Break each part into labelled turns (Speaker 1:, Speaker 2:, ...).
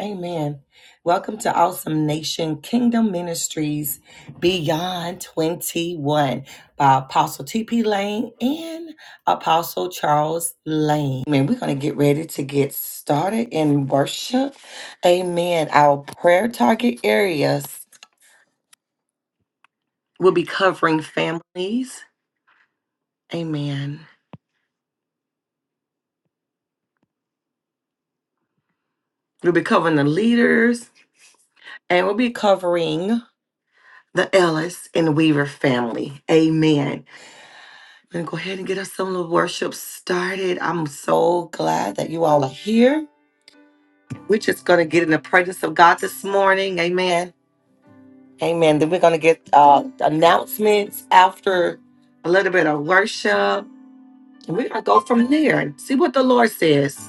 Speaker 1: Amen. Welcome to Awesome Nation Kingdom Ministries Beyond 21 by Apostle TP Lane and Apostle Charles Lane. Amen. We're going to get ready to get started in worship. Amen. Our prayer target areas will be covering families. Amen. We'll be covering the leaders and we'll be covering the Ellis and Weaver family. Amen. We're going to go ahead and get us some little worship started. I'm so glad that you all are here. We're just going to get in the presence of God this morning. Amen. Amen. Then we're going to get uh, announcements after a little bit of worship. And we're going to go from there and see what the Lord says.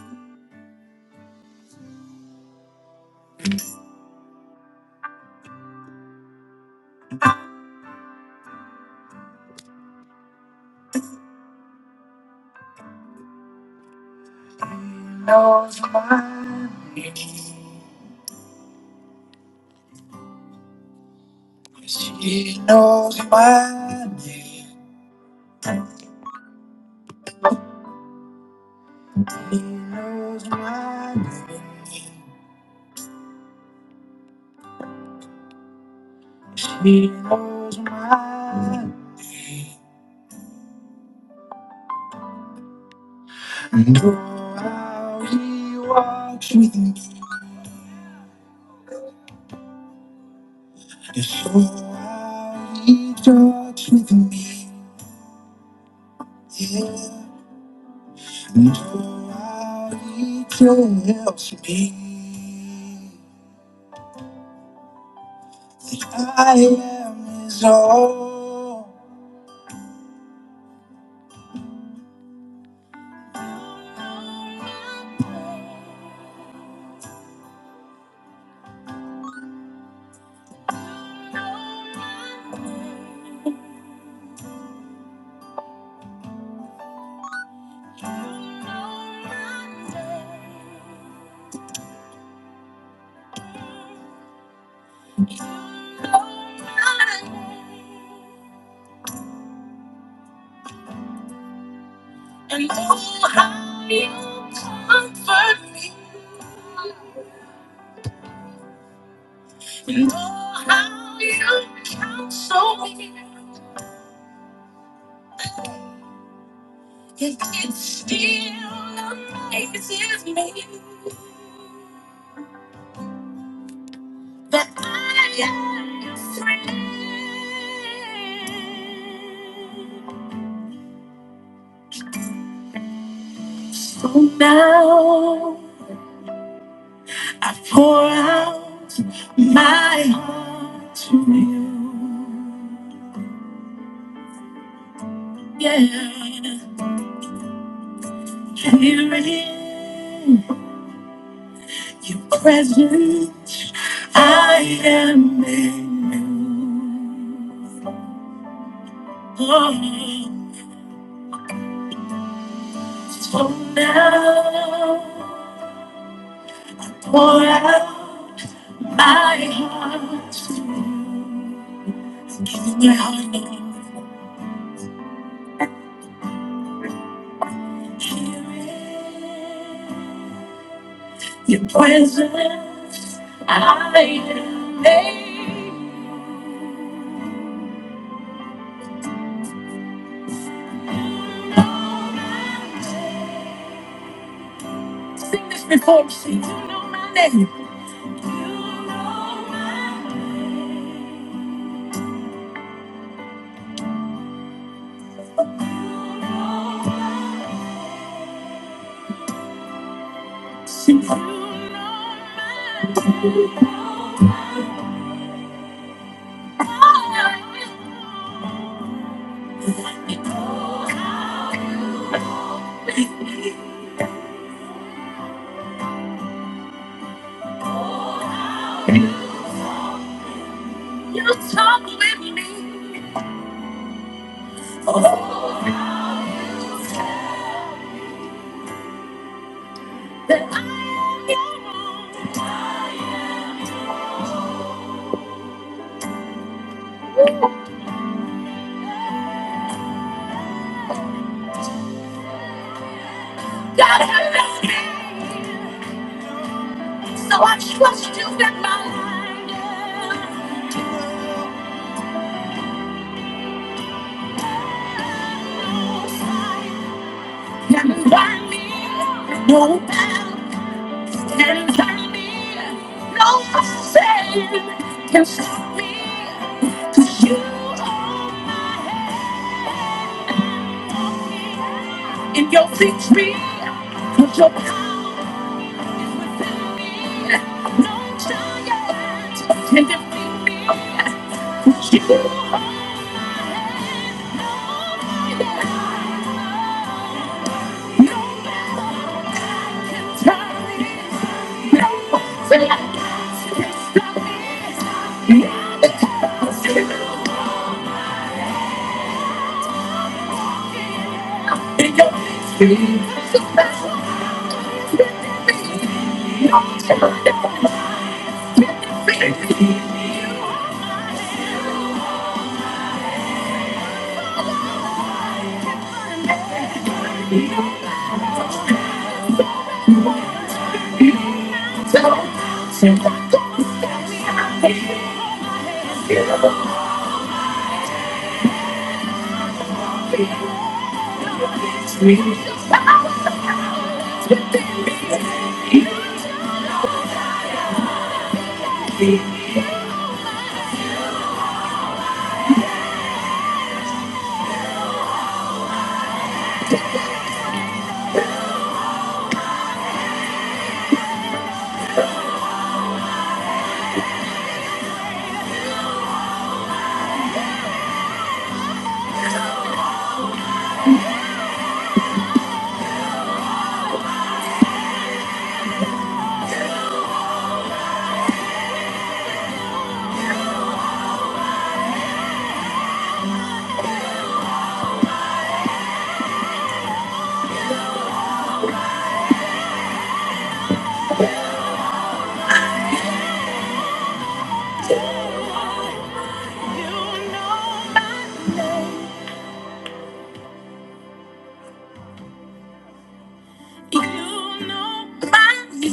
Speaker 1: He knows my name. He knows my name. He knows my name. He knows my name. Know how he walks with me, and so how he talks with me. Yeah, know how he tells me I am his own. And know how he'll comfort me. You know how you counsel me. It, it still amazes me that I am your friend. So now I pour out my heart to you. Yeah, here it is. Your presence, I am in you. Oh, so now, pour out my heart to you. Give my heart, Lord. Hear it. Your presence, I am in you. Sing this before me. Sing, you know my name. You talk with me that I am your own. God have mercy. So I trust you with my life. Can find me no battle can find me no sin can stop me 'Cause you are my head in your victory, 'cause your power is within me no giant can defeat me 'Cause you are my head no giant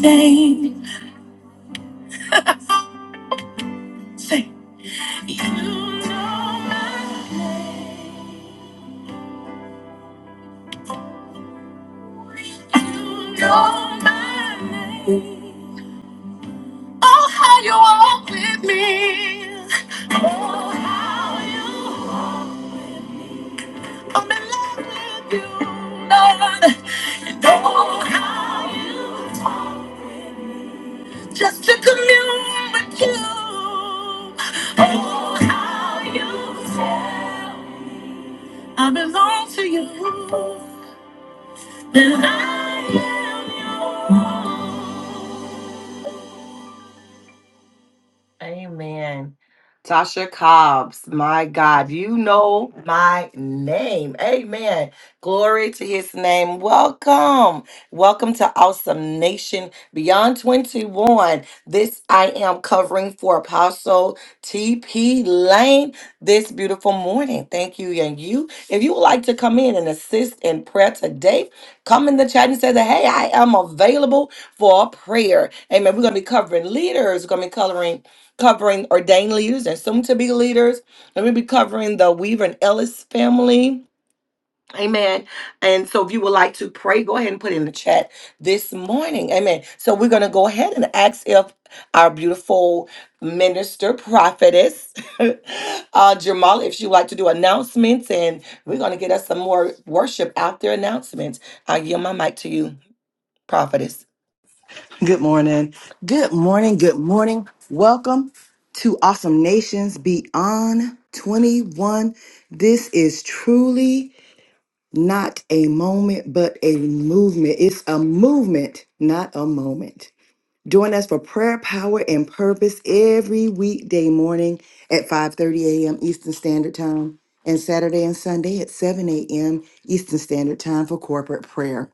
Speaker 1: Name. Say, you know my name. You know my name. Oh, how you walk with me. Oh, how you walk with me. I'm in love with you, Lord. And oh, how you talk with me. just to commune with you. Oh, how you tell me I belong to you. That I am yours. Amen. Tasha Cobbs, my God, you know my name. Amen. Glory to his name. Welcome. Welcome to Awesome Nation Beyond 21. This I am covering for Apostle TP Lane this beautiful morning. Thank you. And you, if you would like to come in and assist in prayer today, come in the chat and say that, hey, I am available for prayer. Amen. We're going to be covering leaders. We're going to be covering covering ordained leaders and soon to be leaders. And we'll be covering the Weaver and Ellis family. Amen. And so if you would like to pray, go ahead and put it in the chat this morning. Amen. So we're going to go ahead and ask if our beautiful minister, prophetess, uh, Jamal, if she'd like to do announcements, and we're going to get us some more worship out there announcements. I yield my mic to you, prophetess.
Speaker 2: Good morning. Good morning. Good morning. Welcome to Awesome Nations Beyond 21. This is truly not a moment, but a movement. It's a movement, not a moment. Join us for prayer, power, and purpose every weekday morning at 5:30 a.m. Eastern Standard Time and Saturday and Sunday at 7 a.m. Eastern Standard Time for corporate prayer.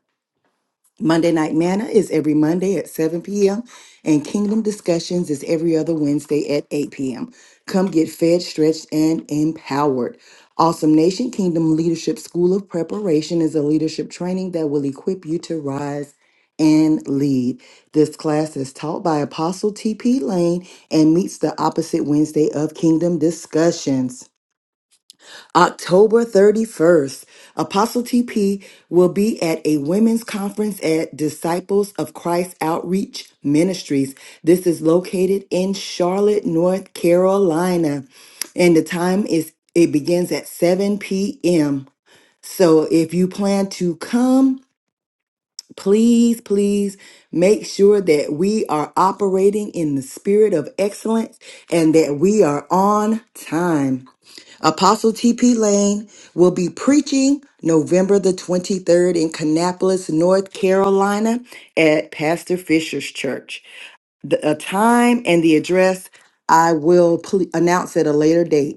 Speaker 2: Monday Night Manna is every Monday at 7 p.m., and Kingdom Discussions is every other Wednesday at 8 p.m. Come get fed, stretched, and empowered. Awesome Nation Kingdom Leadership School of Preparation is a leadership training that will equip you to rise and lead. This class is taught by Apostle T.P. Lane and meets the opposite Wednesday of Kingdom Discussions. October 31st, Apostle TP will be at a women's conference at Disciples of Christ Outreach Ministries. This is located in Charlotte, North Carolina, and the time is it begins at 7 p.m. So if you plan to come, please, please make sure that we are operating in the spirit of excellence and that we are on time. Apostle TP Lane will be preaching November the 23rd in Kannapolis, North Carolina at Pastor Fisher's Church. The a time and the address I will ple- announce at a later date.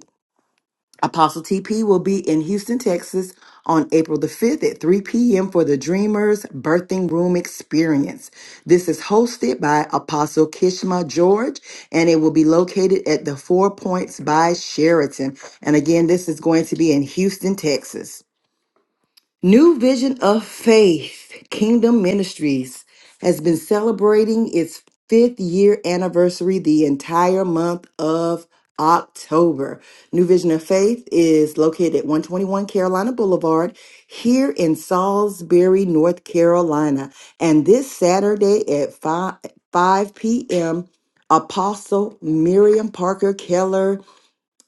Speaker 2: Apostle TP will be in Houston, Texas on April the 5th at 3 p.m. for the Dreamers Birthing Room Experience. This is hosted by Apostle Kishma George and it will be located at the Four Points by Sheraton. And again, this is going to be in Houston, Texas. New Vision of Faith Kingdom Ministries has been celebrating its fifth year anniversary the entire month of October. New Vision of Faith is located at 121 Carolina Boulevard here in Salisbury, North Carolina. And this Saturday at 5, 5 p.m., Apostle Miriam Parker Keller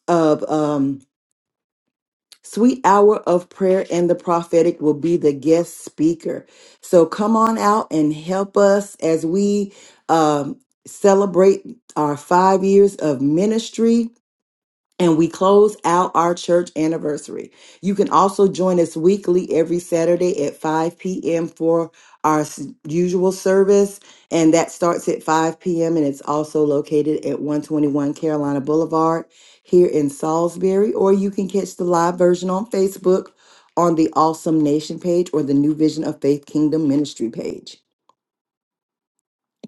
Speaker 2: of um. Sweet Hour of Prayer and the Prophetic will be the guest speaker. So come on out and help us as we um, celebrate our five years of ministry and we close out our church anniversary. You can also join us weekly every Saturday at 5 p.m. for our s- usual service, and that starts at 5 p.m. and it's also located at 121 Carolina Boulevard here in Salisbury. Or you can catch the live version on Facebook on the Awesome Nation page or the New Vision of Faith Kingdom Ministry page.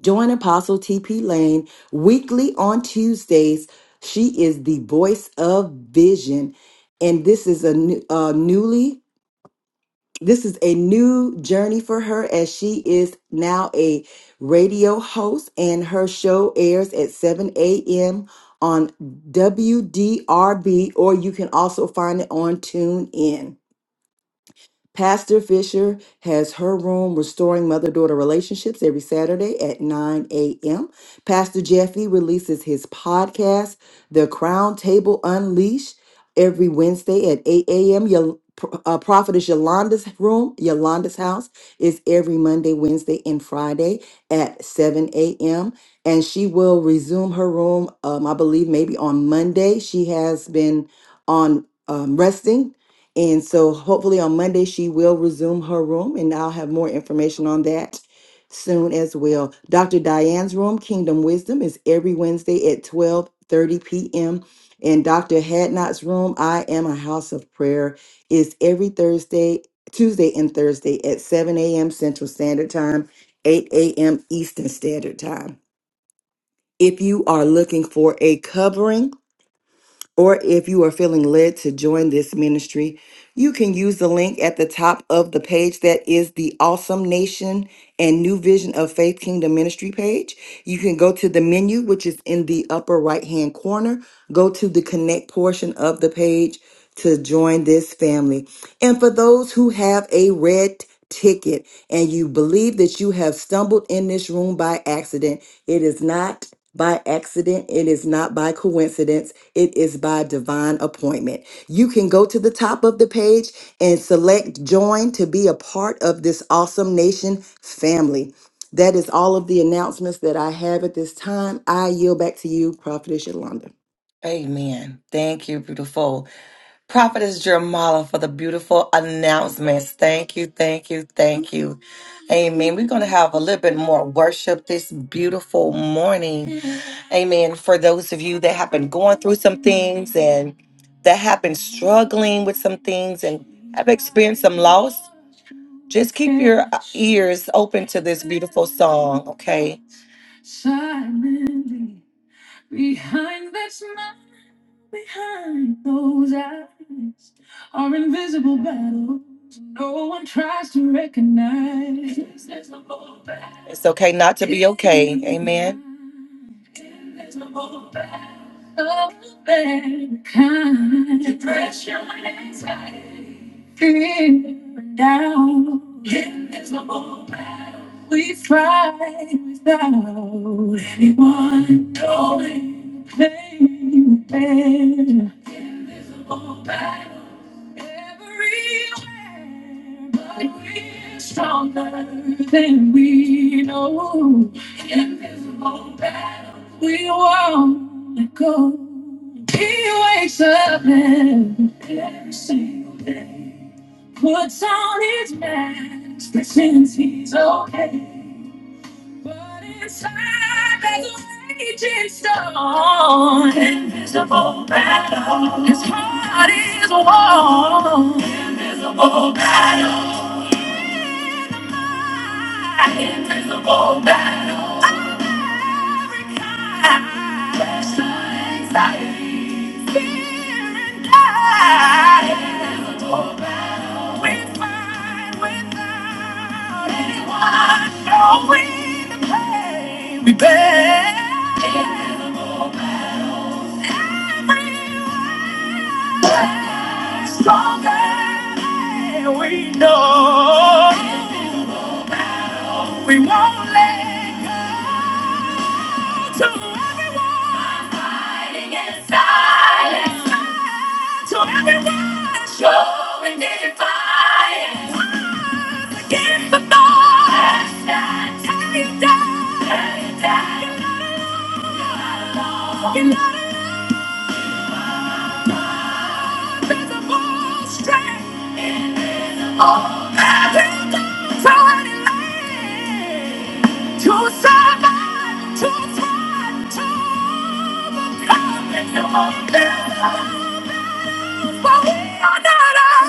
Speaker 2: Join Apostle TP Lane weekly on Tuesdays. She is the voice of vision, and this is a, new, a newly this is a new journey for her as she is now a radio host, and her show airs at 7 a.m. on WDRB, or you can also find it on TuneIn. Pastor Fisher has her room restoring mother daughter relationships every Saturday at 9 a.m. Pastor Jeffy releases his podcast, The Crown Table Unleashed, every Wednesday at 8 a.m. Yol- uh, Prophetess Yolanda's room, Yolanda's house, is every Monday, Wednesday, and Friday at 7 a.m. And she will resume her room, um, I believe, maybe on Monday. She has been on um, resting and so hopefully on Monday, she will resume her room, and I'll have more information on that soon as well. Dr. Diane's room, Kingdom Wisdom, is every Wednesday at 12 30 p.m. And Dr. Hadnot's room, I Am a House of Prayer, is every Thursday, Tuesday, and Thursday at 7 a.m. Central Standard Time, 8 a.m. Eastern Standard Time. If you are looking for a covering, or if you are feeling led to join this ministry, you can use the link at the top of the page that is the Awesome Nation and New Vision of Faith Kingdom Ministry page. You can go to the menu, which is in the upper right hand corner. Go to the connect portion of the page to join this family. And for those who have a red ticket and you believe that you have stumbled in this room by accident, it is not by accident, it is not by coincidence, it is by divine appointment. You can go to the top of the page and select join to be a part of this awesome nation family. That is all of the announcements that I have at this time. I yield back to you, Prophetess Yolanda.
Speaker 1: Amen. Thank you, beautiful. Prophetess Jermala for the beautiful announcements. Thank you, thank you, thank you. Amen. We're going to have a little bit more worship this beautiful morning. Amen. For those of you that have been going through some things and that have been struggling with some things and have experienced some loss, just keep your ears open to this beautiful song, okay? Silently behind this Behind those eyes are invisible battles no one tries to recognize. It's okay not to be okay. Amen. Invisible battle of any kind Depression and anxiety. Fear and doubt. Invisible battle we fight without anyone knowing. Playing fair. Invisible battle everywhere, but we're stronger than we know. Invisible battle, we won't let go. He wakes up every single day, puts on his mask, pretends he's okay. But inside there's a raging storm. Invisible battle. His heart is warm. Invisible battle. In my Invisible battle. America. Pressure, anxiety, fear and doubt. Invisible battle. We fight without anyone knowing the pain we bear. Invisible battles everywhere. Stronger than we know. Invisible battles. We won't let go. To everyone fighting in silence. To everyone showing defiance. Against the noise. Tear you down. Tear you down. You're not alone. You're not alone. There's a voice strength. Oh, every day, so anyway, To survive, to thrive, to overcome, and to overcome is what we are not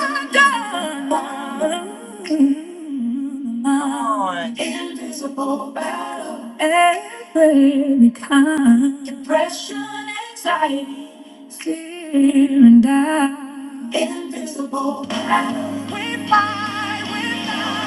Speaker 1: undone. Come on. Into battle, every kind. Depression, anxiety, fear, and doubt. In this battle, we fight, we fight.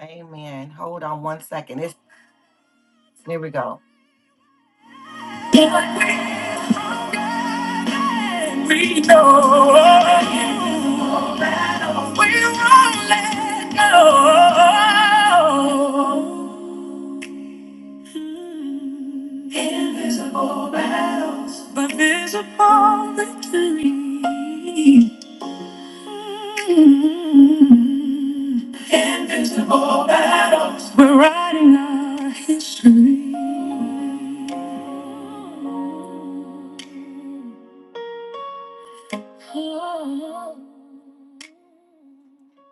Speaker 1: Amen. Hold on one second. It's, here we go. We know that we won't let go. Invisible battles, but visible victory. Invincible battles. We're writing our history.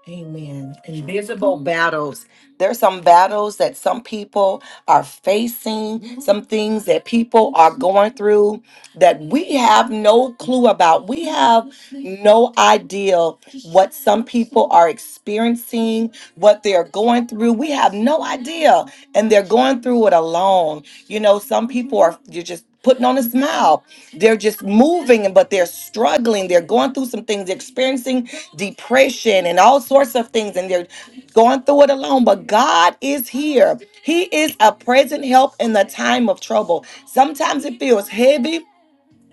Speaker 1: Amen. Invisible battles. There's some battles that some people are facing, Mhm. some things that people are going through that we have no clue about. We have no idea what some people are experiencing, what they're going through. We have no idea. and and they're going through it alone. You know, some people are you're just putting on a smile. They're just moving, but they're struggling. They're going through some things, they're experiencing depression and all sorts of things, and they're going through it alone. But God is here. He is a present help in the time of trouble. Sometimes it feels heavy.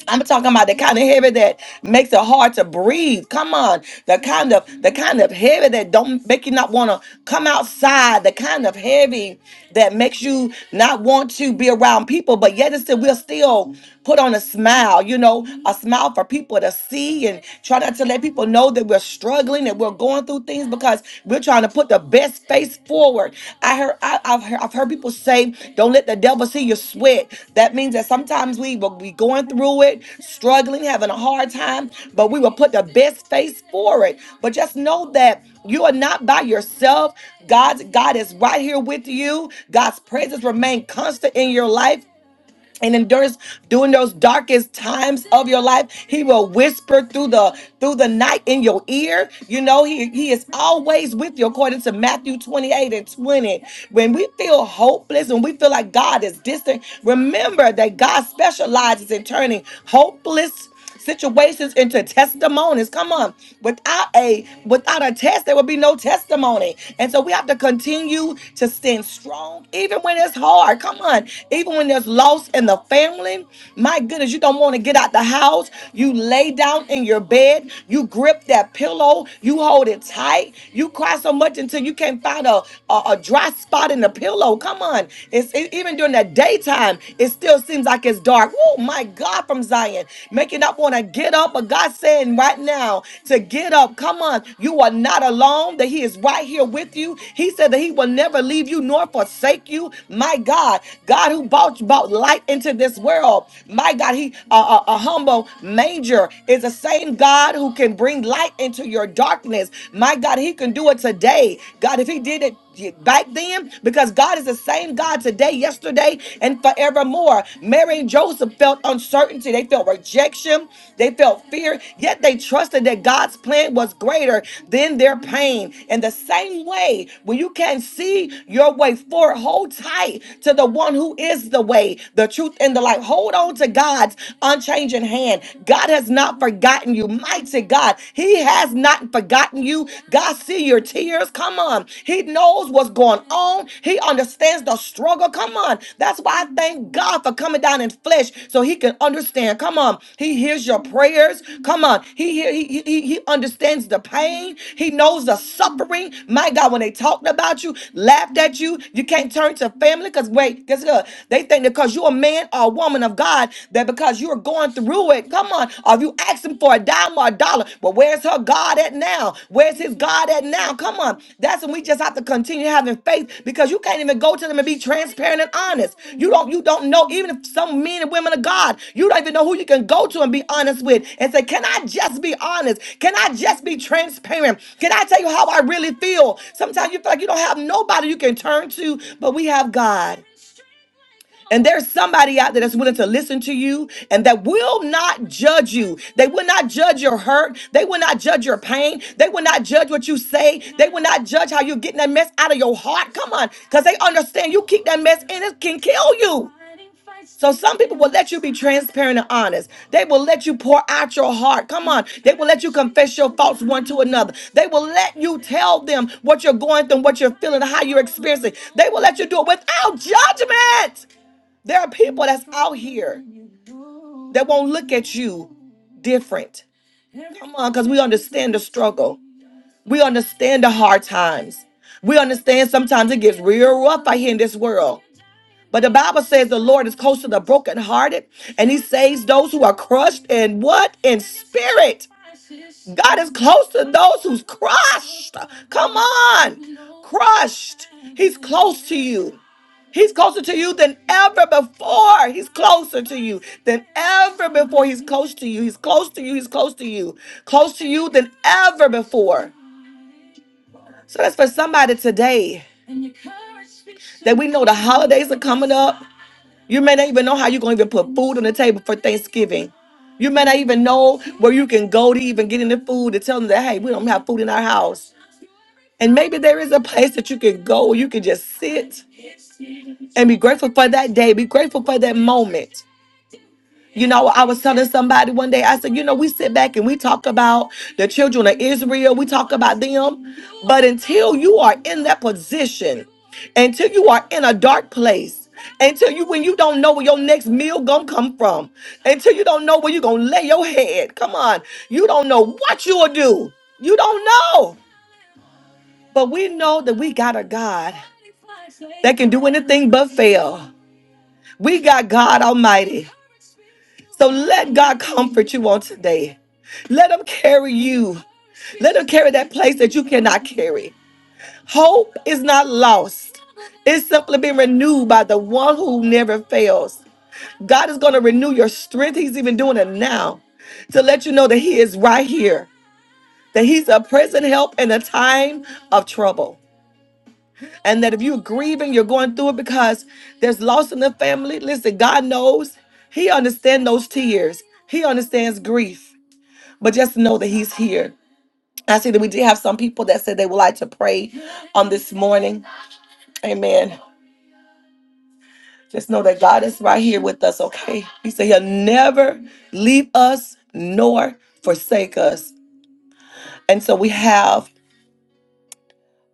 Speaker 1: I'm talking about the kind of heavy that makes it hard to breathe. Come on, the kind of the kind of heavy that don't make you not want to come outside. The kind of heavy that makes you not want to be around people, but yet it's still we'll still put on a smile. You know, a smile for people to see and try not to let people know that we're struggling and we're going through things because we're trying to put the best face forward. I heard, I, have heard, I've heard people say, "Don't let the devil see your sweat." That means that sometimes we will be going through it, struggling, having a hard time, but we will put the best face forward. But just know that you are not by yourself. God's God is right here with you. God's presence remain constant in your life and in those during those darkest times of your life he will whisper through the through the night in your ear you know he he is always with you according to matthew 28 and 20 when we feel hopeless when we feel like god is distant remember that god specializes in turning hopeless situations into testimonies. Come on. Without a without a test, there will be no testimony. And so we have to continue to stand strong, even when it's hard. Come on. Even when there's loss in the family. My goodness, you don't want to get out the house. You lay down in your bed. You grip that pillow. You hold it tight. You cry so much until you can't find a, a, a dry spot in the pillow. Come on. It's it- even during the daytime time. It still seems like it's dark. Oh my God, from Zion, making up want to get up, but God's saying right now to get up. Come on, you are not alone. That He is right here with you. He said that He will never leave you nor forsake you. My God, God who brought brought light into this world. My God, He a, a, a humble manger is the same God who can bring light into your darkness. My God, He can do it today. God, if He did it had back then because God is the same God today, yesterday, and forevermore. Mary and Joseph felt uncertainty, they felt rejection, they felt fear, yet they trusted that God's plan was greater than their pain. In the same way, when you can't see your way forward, hold tight to the one who is the way, the truth, and the life. Hold on to God's unchanging hand. God has not forgotten you, mighty God. He has has not forgotten you. God see your tears. Come on. He knows what's going on. He understands the struggle. Come on. That's why I thank God for coming down in flesh so he can understand. Come on. He hears your prayers. Come on. He hear- he, he, he understands the pain. He knows the suffering. My God, when they talked about you, laughed at you, you can't turn to family because wait, guess what? They think that because you're a man or a woman of God, that because you're were going through it. Come on. Or if you ask him for a dime or a dollar, well, where's her God at now? Where's his God at now? Come on. That's when we just have to continue having faith because you can't even go to them and be transparent and honest. You don't you don't know, even if some men and women of God, you don't even know who you can go to and be honest with and say, Can I just be honest? Can I just be transparent? Can I tell you how I really feel? Sometimes you feel like you don't have nobody you can turn to, but we have God. And there's somebody out there that's willing to listen to you and that will not judge you. They will not judge your hurt. They will not judge your pain. They will not judge what you say. They will not judge how you're getting that mess out of your heart. Come on, because they understand you keep that mess in, it can kill you. So some people will let you be transparent and honest. They will let you pour out your heart. Come on. They will let you confess your faults one to another. They will let you tell them what you're going through, what you're feeling, how you're experiencing. They will let you do it without judgment. There are people that's out here that won't look at you different. Come on, because we understand the struggle. We understand the hard times. We understand sometimes it gets real rough out here in this world. But the Bible says the Lord is close to the brokenhearted and he saves those who are crushed in what? In spirit. God is close to those who's crushed. Come on, crushed. He's close to you. He's closer to you than ever before. He's closer to you than ever before. He's close to you. He's close to you. He's close to you. Close to you than ever before. So that's for somebody today that we know the holidays are coming up. You may not even know how you're going to even put food on the table for Thanksgiving. You may not even know where you can go to even get any food to tell them that, hey, we don't have food in our house. And maybe there is a place that you can go, where you can just sit and be grateful for that day, be grateful for that moment. You know, I was telling somebody one day, I said, you know, we sit back and we talk about the children of Israel, we talk about them. But until you are in that position, until you are in a dark place, until you when you don't know where your next meal gonna come from, until you don't know where you're gonna lay your head. Come on, you don't know what you will do. You don't know. But we know that we got a God. that can do anything but fail. We got God Almighty. So let God comfort you on today. Let Him carry you. Let Him carry that place that you cannot carry. Hope is not lost, it's simply been renewed by the one who never fails. God is going to renew your strength. He's even doing it now to let you know that He is right here, that He's a present help in a time of trouble. and that if you're grieving, you're going through it because there's loss in the family. Listen, God knows. He understands those tears. He understands grief. But just know that He's here. I see that we did have some people that said they would like to pray on this morning. Amen. Just know that God is right here with us, okay? He said He'll never leave us nor forsake us. And so we have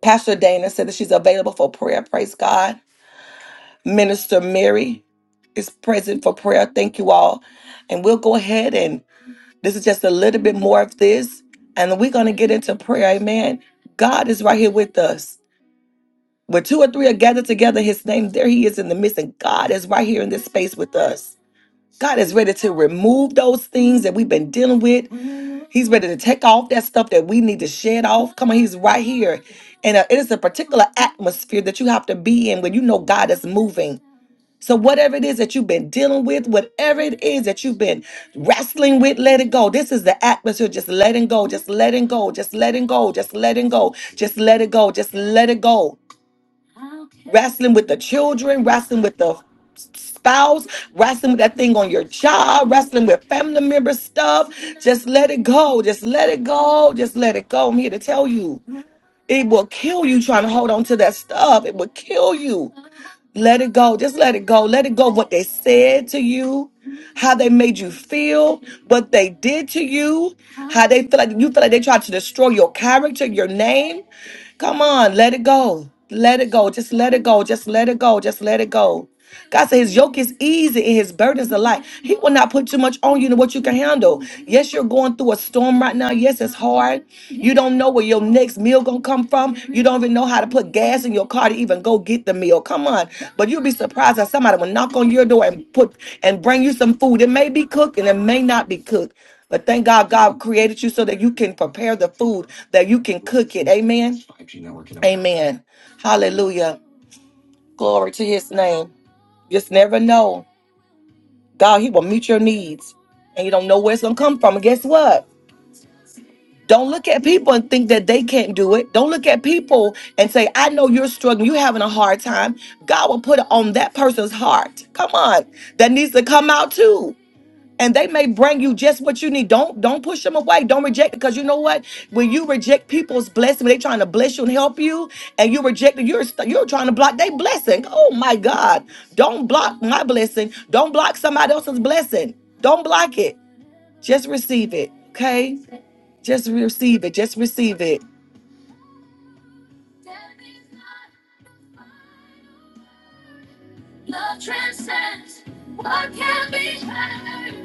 Speaker 1: Pastor Dana said that she's available for prayer. Praise God. Minister Mary is present for prayer. Thank you all. And we'll go ahead and this is just a little bit more of this. And we're going to get into prayer. Amen. God is right here with us. Where two or three are gathered together, in his name, there he is in the midst. And God is right here in this space with us. God is ready to remove those things that we've been dealing with. He's ready to take off that stuff that we need to shed off. Come on, He's right here. And uh, it is a particular atmosphere that you have to be in when you know God is moving. So, whatever it is that you've been dealing with, whatever it is that you've been wrestling with, let it go. This is the atmosphere. Just letting go, just letting go, just letting go, just letting go, just let it go, just let it go. Just let it go wrestling with the children, wrestling with the spouse, wrestling with that thing on your job, wrestling with family member stuff. Just let it go. Just let it go. Just let it go. I'm here to tell you. It will kill you trying to hold on to that stuff. It will kill you. Let it go. Just let it go. Let it go. What they said to you, how they made you feel, what they did to you, how they feel like you feel like they tried to destroy your character, your name. Come on, let it go. Let it go. Just let it go. Just let it go. Just let it go. God said his yoke is easy and his burdens are light. He will not put too much on you than what you can handle. Yes, you're going through a storm right now. Yes, it's hard. You don't know where your next meal gonna come from. You don't even know how to put gas in your car to even go get the meal. Come on. But you'll be surprised that somebody will knock on your door and put and bring you some food. It may be cooked and it may not be cooked. But thank God God created you so that you can prepare the food, that you can cook it. Amen. Amen. Hallelujah. Glory to his name. Just never know. God, he will meet your needs. And you don't know where it's gonna come from. And guess what? Don't look at people and think that they can't do it. Don't look at people and say, I know you're struggling, you're having a hard time. God will put it on that person's heart. Come on. That needs to come out too. and they may bring you just what you need. Don't don't push them away. Don't reject because you know what? When you reject people's blessing, when they trying to bless you and help you, and you reject it, you're st- you're trying to block their blessing. Oh my God! Don't block my blessing. Don't block somebody else's blessing. Don't block it. Just receive it. Okay? Just receive it. Just receive it. Love transcends what can be heard.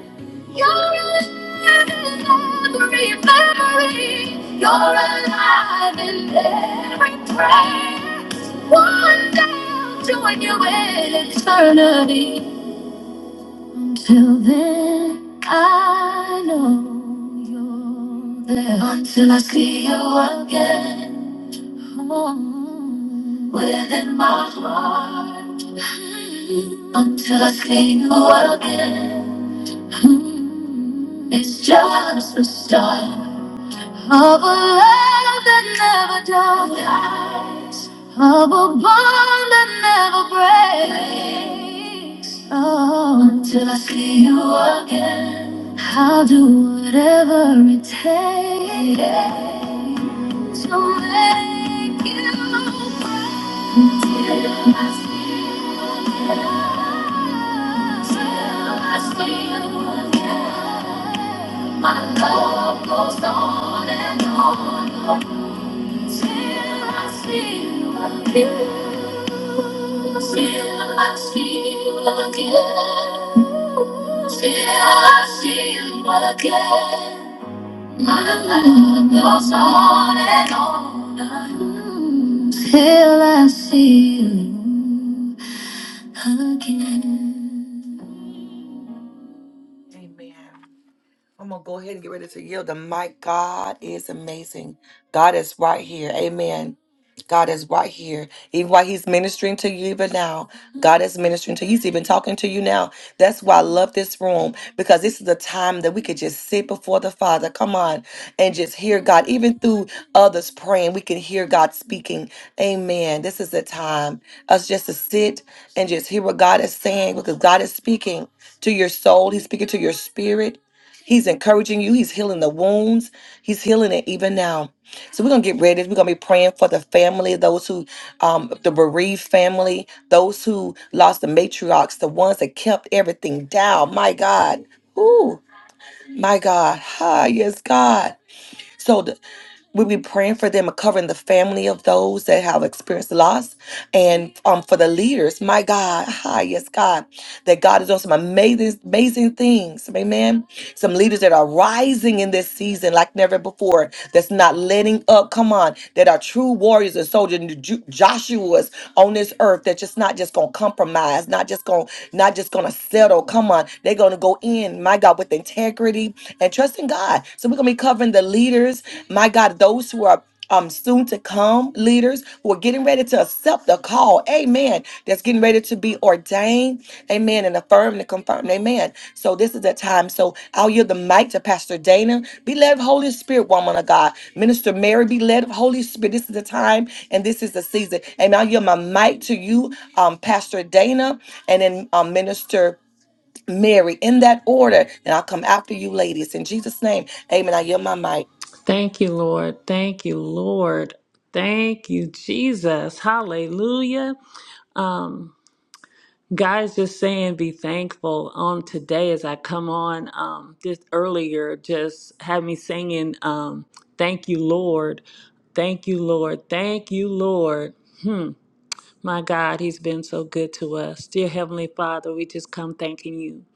Speaker 1: You're alive in every memory. You're alive in every prayer. One day I'll join you in eternity. Until then, I know you're there. Until I see you again. Oh, within my heart. Until I see you again. It's just the start of a love that never dies, of a bond that never breaks. Oh, until I see you again, I'll do whatever it takes to make you. proud. My love goes on and on until I feel again. Till I feel again. Till I feel again. My love goes on and on until I feel again. Amen. I'm gonna go ahead and get ready to yield. The mic, God is amazing. God is right here. Amen. God is right here. Even while He's ministering to you, even now, God is ministering to you. He's even talking to you now. That's why I love this room because this is a time that we could just sit before the Father. Come on, and just hear God. Even through others praying, we can hear God speaking. Amen. This is the time us just to sit and just hear what God is saying because God is speaking to your soul. He's speaking to your spirit. He's encouraging you. He's healing the wounds. He's healing it even now. So we're gonna get ready. We're gonna be praying for the family, those who, um, the bereaved family, those who lost the matriarchs, the ones that kept everything down. My God, ooh, my God, hi, yes, God. So the, we'll be praying for them and covering the family of those that have experienced loss and um for the leaders my god hi yes god that god is doing some amazing amazing things amen some leaders that are rising in this season like never before that's not letting up come on that are true warriors and soldiers and Ju- joshua's on this earth That's just not just gonna compromise not just gonna not just gonna settle come on they're gonna go in my god with integrity and trust in God. So we're gonna be covering the leaders, my God, those who are um soon to come leaders who are getting ready to accept the call. Amen. That's getting ready to be ordained. Amen. And affirmed and confirmed. Amen. So this is the time. So I'll yield the mic to Pastor Dana. Be led of Holy Spirit, woman of God. Minister Mary, be led of Holy Spirit. This is the time and this is the season. Amen. I'll yield my mic to you, um, Pastor Dana, and then um, Minister. Mary, in that order. And I'll come after you, ladies. In Jesus' name, amen. I yield my mic.
Speaker 3: Thank you, Lord. Thank you, Lord. Thank you, Jesus. Hallelujah. Um, guys, just saying be thankful. on today as I come on, um, this earlier just had me singing, um, thank you, Lord. Thank you, Lord. Thank you, Lord. Hmm. My God, He's been so good to us. Dear Heavenly Father, we just come thanking you.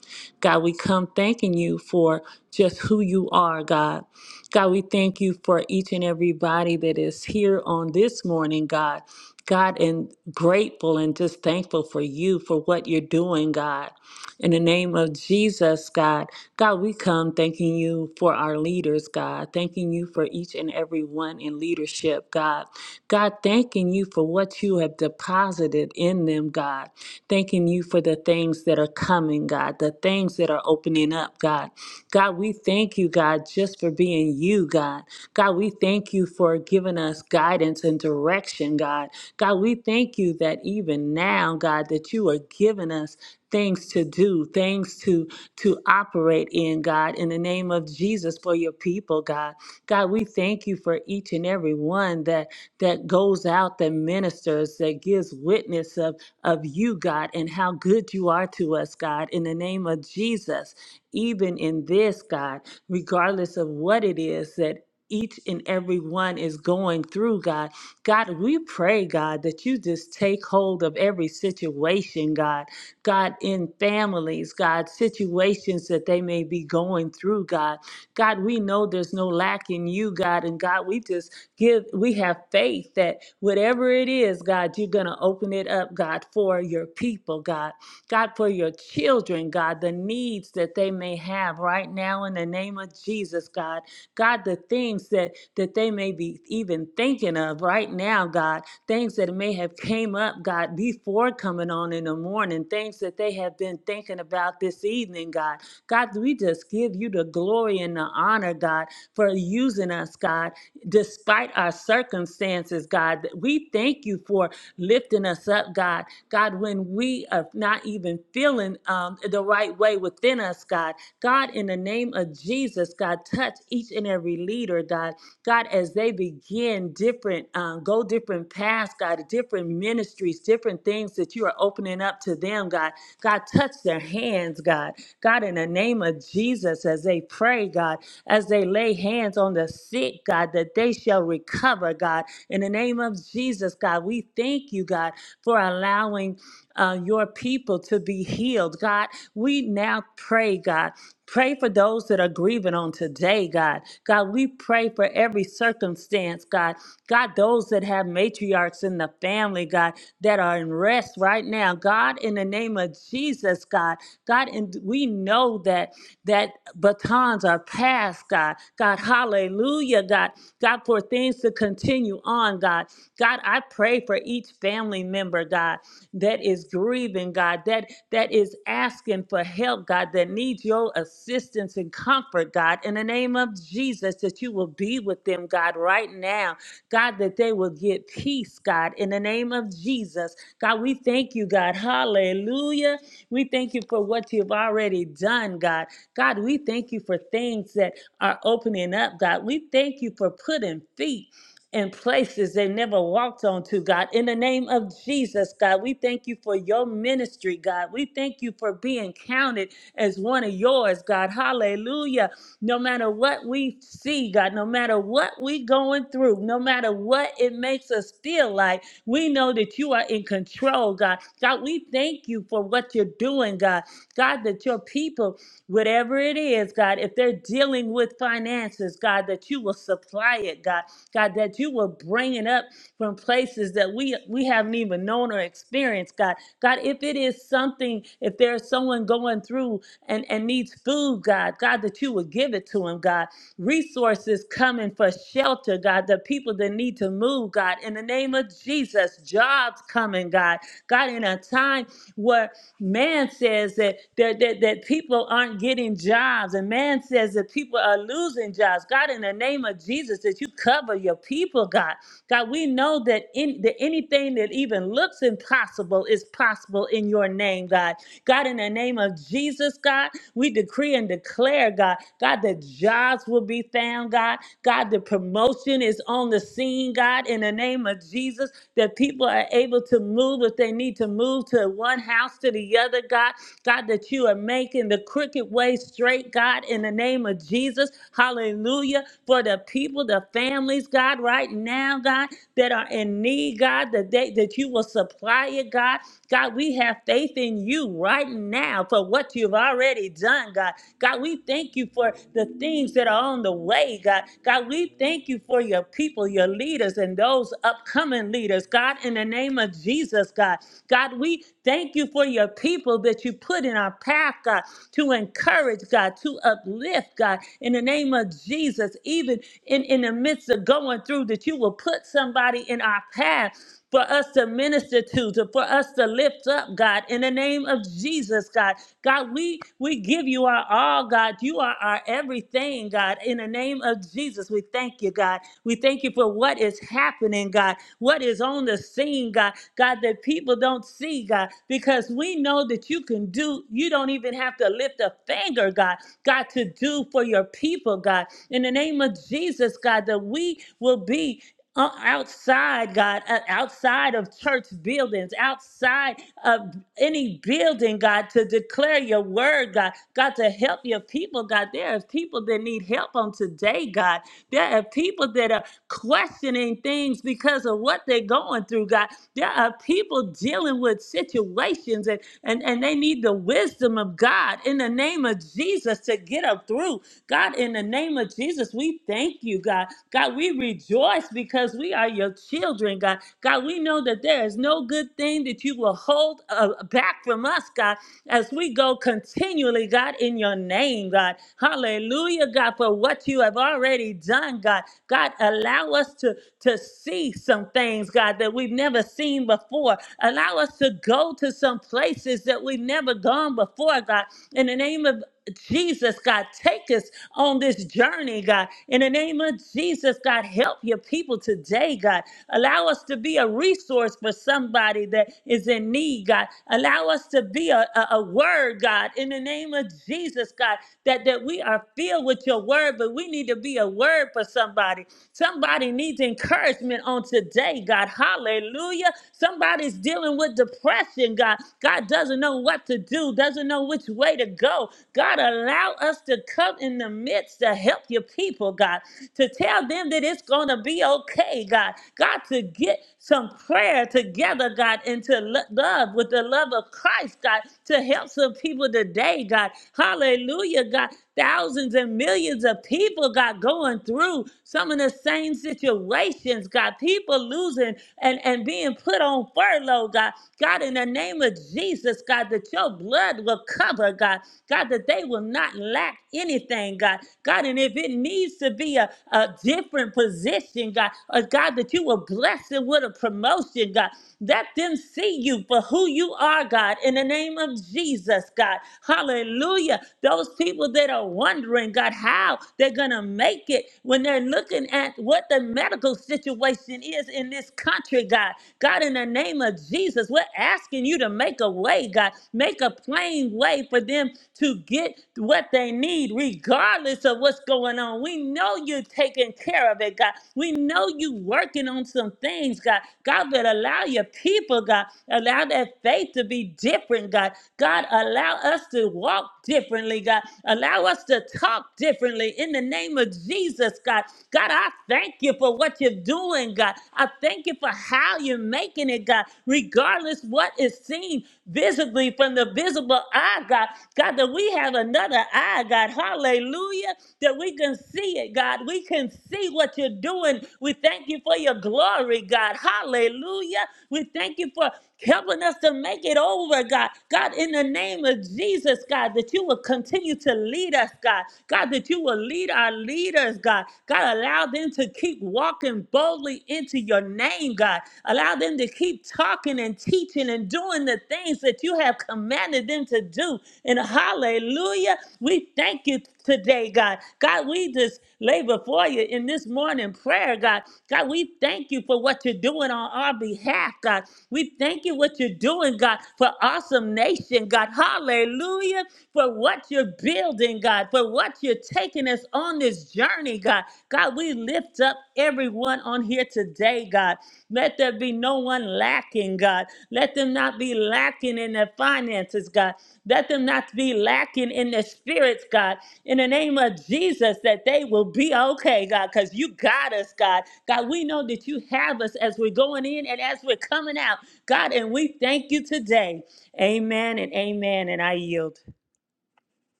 Speaker 3: God, we come thanking you for just who you are, God. God, we thank you for each and everybody that is here on this morning, God. God, and grateful and just thankful for you for what you're doing, God. In the name of Jesus, God, God, we come thanking you for our leaders, God, thanking you for each and every one in leadership, God. God, thanking you for what you have deposited in them, God. Thanking you for the things that are coming, God, the things that are opening up, God. God, we thank you, God, just for being you, God. God, we thank you for giving us guidance and direction, God. God, we thank you that even now, God, that you are giving us things to do, things to to operate in, God, in the name of Jesus for your people, God. God, we thank you for each and every one that that goes out, that ministers, that gives witness of of you, God, and how good you are to us, God, in the name of Jesus. Even in this, God, regardless of what it is that each and every one is going through, God. God, we pray, God, that you just take hold of every situation, God God, in families, God, situations that they may be going through, God. God, we know there's no lack in you, God, and God, we just give, we have faith that whatever it is, God, you're going to open it up, God, for your people, God. God, for your children, God, the needs that they may have right now in the name of Jesus, God. God, the things that, that they may be even thinking of right now, God things that may have came up, God, before coming on in the morning, things that they have been thinking about this evening, God. God, we just give you the glory and the honor, God, for using us, God, despite our circumstances, God. We thank you for lifting us up, God. God, when we are not even feeling um, the right way within us, God. God, in the name of Jesus, God, touch each and every leader, God. God, as they begin different, um, go different paths, God, different ministries, different things that you are opening up to them, God. God, touch their hands, God. God, in the name of Jesus, as they pray, God, as they lay hands on the sick, God, that they shall recover, God. In the name of Jesus, God, we thank you, God, for allowing uh, your people to be healed. God, we now pray, God. Pray for those that are grieving on today, God. God, we pray for every circumstance, God. God, those that have matriarchs in the family, God, that are in rest right now. God, in the name of Jesus, God. God, and we know that that batons are passed, God. God, hallelujah, God. God, for things to continue on, God. God, I pray for each family member, God that is grieving, God, that that is asking for help, God, that needs your assistance and comfort, God, in the name of Jesus, that you will be with them, God, right now. God, that they will get peace, God, in the name of Jesus. God, we thank you, God. Hallelujah. We thank you for what you've already done, God. God, we thank you for things that are opening up, God. We thank you for putting feet and places they never walked onto, God. In the name of Jesus, God, we thank you for your ministry, God. We thank you for being counted as one of yours, God. Hallelujah. No matter what we see, God, no matter what we going through, no matter what it makes us feel like, we know that you are in control, God. God, we thank you for what you're doing, God. God, that your people whatever it is, God, if they're dealing with finances, God, that you will supply it, God. God, that you will bring it up from places that we we haven't even known or experienced, God. God, if it is something, if there's someone going through and, and needs food, God, God, that you would give it to him, God. Resources coming for shelter, God, the people that need to move, God, in the name of Jesus, jobs coming, God. God, in a time where. Man says that, that, that, that people aren't getting jobs, and man says that people are losing jobs. God, in the name of Jesus, that you cover your people, God. God, we know that, in, that anything that even looks impossible is possible in your name, God. God, in the name of Jesus, God, we decree and declare, God, God, that jobs will be found, God. God, the promotion is on the scene, God, in the name of Jesus that people are able to move if they need to move to one house to the other, God. God, that you are making the crooked way straight, God, in the name of Jesus. Hallelujah. For the people, the families, God, right now, God, that are in need, God, that they that you will supply it, God. God, we have faith in you right now for what you've already done, God. God, we thank you for the things that are on the way, God. God, we thank you for your people, your leaders, and those upcoming leaders, God, in the name of Jesus, God. God, we thank you for your people that you put in our path, God, to encourage, God, to uplift, God, in the name of Jesus, even in, in the midst of going through, that you will put somebody in our path for us to minister to, to for us to lift up, God, in the name of Jesus, God. God, we we give you our all, God. You are our everything, God. In the name of Jesus, we thank you, God. We thank you for what is happening, God. What is on the scene, God. God, that people don't see, God, because we know that you can do. You don't even have to lift a finger, God. God, to do for your people, God. In the name of Jesus, God, that we will be o- outside, God, uh, outside of church buildings, outside of any building, God, to declare your word, God, God, to help your people, God. There are people that need help on today, God. There are people that are questioning things because of what they're going through, God. There are people dealing with situations and, and, and they need the wisdom of God in the name of Jesus to get them through. God, in the name of Jesus, we thank you, God. God, we rejoice because we are your children, God. God, we know that there is no good thing that you will hold uh, back from us, God, as we go continually, God, in your name, God. Hallelujah, God, for what you have already done, God. God, allow us to, to see some things, God, that we've never seen before. Allow us to go to some places that we've never gone before, God. In the name of Jesus, God, take us on this journey, God. In the name of Jesus, God, help your people today, God. Allow us to be a resource for somebody that is in need, God. Allow us to be a, a, a word, God, in the name of Jesus, God, that, that we are filled with your word, but we need to be a word for somebody. Somebody needs encouragement on today, God. Hallelujah. Somebody's dealing with depression, God. God doesn't know what to do do, doesn't know which way to go. God, allow us to come in the midst to help your people, God, to tell them that it's going to be okay, God. God, to get some prayer together, God, and to lo- love with the love of Christ, God, to help some people today, God. Hallelujah, God. Thousands and millions of people, God, going through some of the same situations, God. People losing and, and being put on furlough, God. God, God, in the name of Jesus, God, that your blood will cover, God, God, that they will not lack anything, God, God, and if it needs to be a, a different position, God, or God, that you will bless them with a promotion, God, let them see you for who you are, God, in the name of Jesus, God, hallelujah. Those people that are wondering, God, how they're going to make it when they're looking at what the medical situation is in this country, God. God, in the name of Jesus, we're asking you to make a way, God. Make a plain way for them to get what they need, regardless of what's going on. We know you're taking care of it, God. We know you working on some things, God. God, but allow your people, God, allow that faith to be different, God. God, allow us to walk differently, God. Allow us to talk differently in the name of Jesus, God. God, I thank you for what what you're doing, God. I thank you for how you're making it, God, regardless what is seen visibly from the visible eye, God. God, that we have another eye, God. Hallelujah. That we can see it, God. We can see what you're doing. We thank you for your glory, God. Hallelujah. We thank you for helping us to make it over, God. God, in the name of Jesus, God, that you will continue to lead us, God. God, that you will lead our leaders, God. God, allow them to keep walking boldly into your name, God. Allow them to keep talking and teaching and doing the things that you have commanded them to do. And hallelujah, we thank you today, God. God, we just lay before you in this morning prayer, God. God, we thank you for what you're doing on our behalf, God. We thank you what you're doing, God, for awesome nation, God. Hallelujah. For what you're building, God, for what you're taking us on this journey, God. God, we lift up everyone on here today, God. Let there be no one lacking, God. Let them not be lacking in their finances, God. Let them not be lacking in their spirits, God. In the name of Jesus, that they will be okay, God, because you got us, God. God, we know that you have us as we're going in and as we're coming out, God, and we thank you today. Amen and amen. And I yield.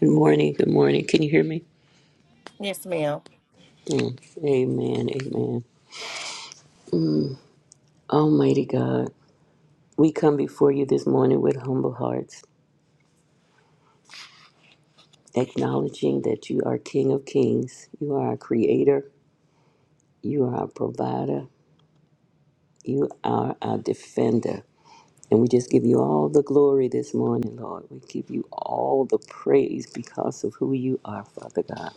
Speaker 4: Good morning. Good morning. Can you hear me?
Speaker 1: Yes, ma'am.
Speaker 4: Mm. Amen. Amen. Almighty God, we come before you this morning with humble hearts, acknowledging that you are King of Kings. You are our creator. You are our provider. You are our defender. And we just give you all the glory this morning, Lord. We give you all the praise because of who you are, Father God.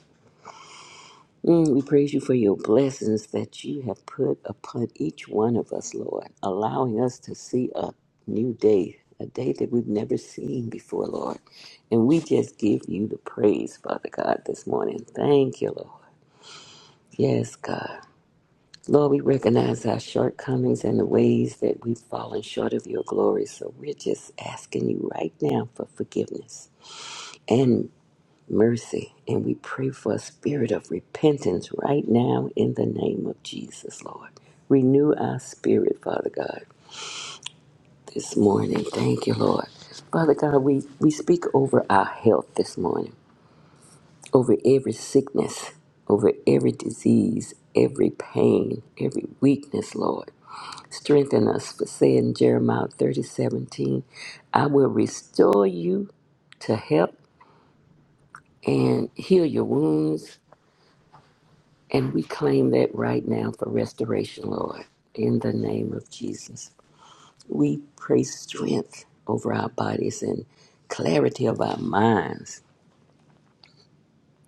Speaker 4: Mm, we praise you for your blessings that you have put upon each one of us, Lord, allowing us to see a new day, a day that we've never seen before, Lord. And we just give you the praise, Father God, this morning. Thank you, Lord. Yes, God. Lord, we recognize our shortcomings and the ways that we've fallen short of your glory. So we're just asking you right now for forgiveness. And mercy. And we pray for a spirit of repentance right now in the name of Jesus, Lord. Renew our spirit, Father God, this morning. Thank you, Lord. Father God, we, we speak over our health this morning, over every sickness, over every disease, every pain, every weakness, Lord. Strengthen us for saying Jeremiah thirty seventeen, I will restore you to help and heal your wounds And we claim that right now for restoration, Lord, in the name of Jesus. We pray strength over our bodies and clarity of our minds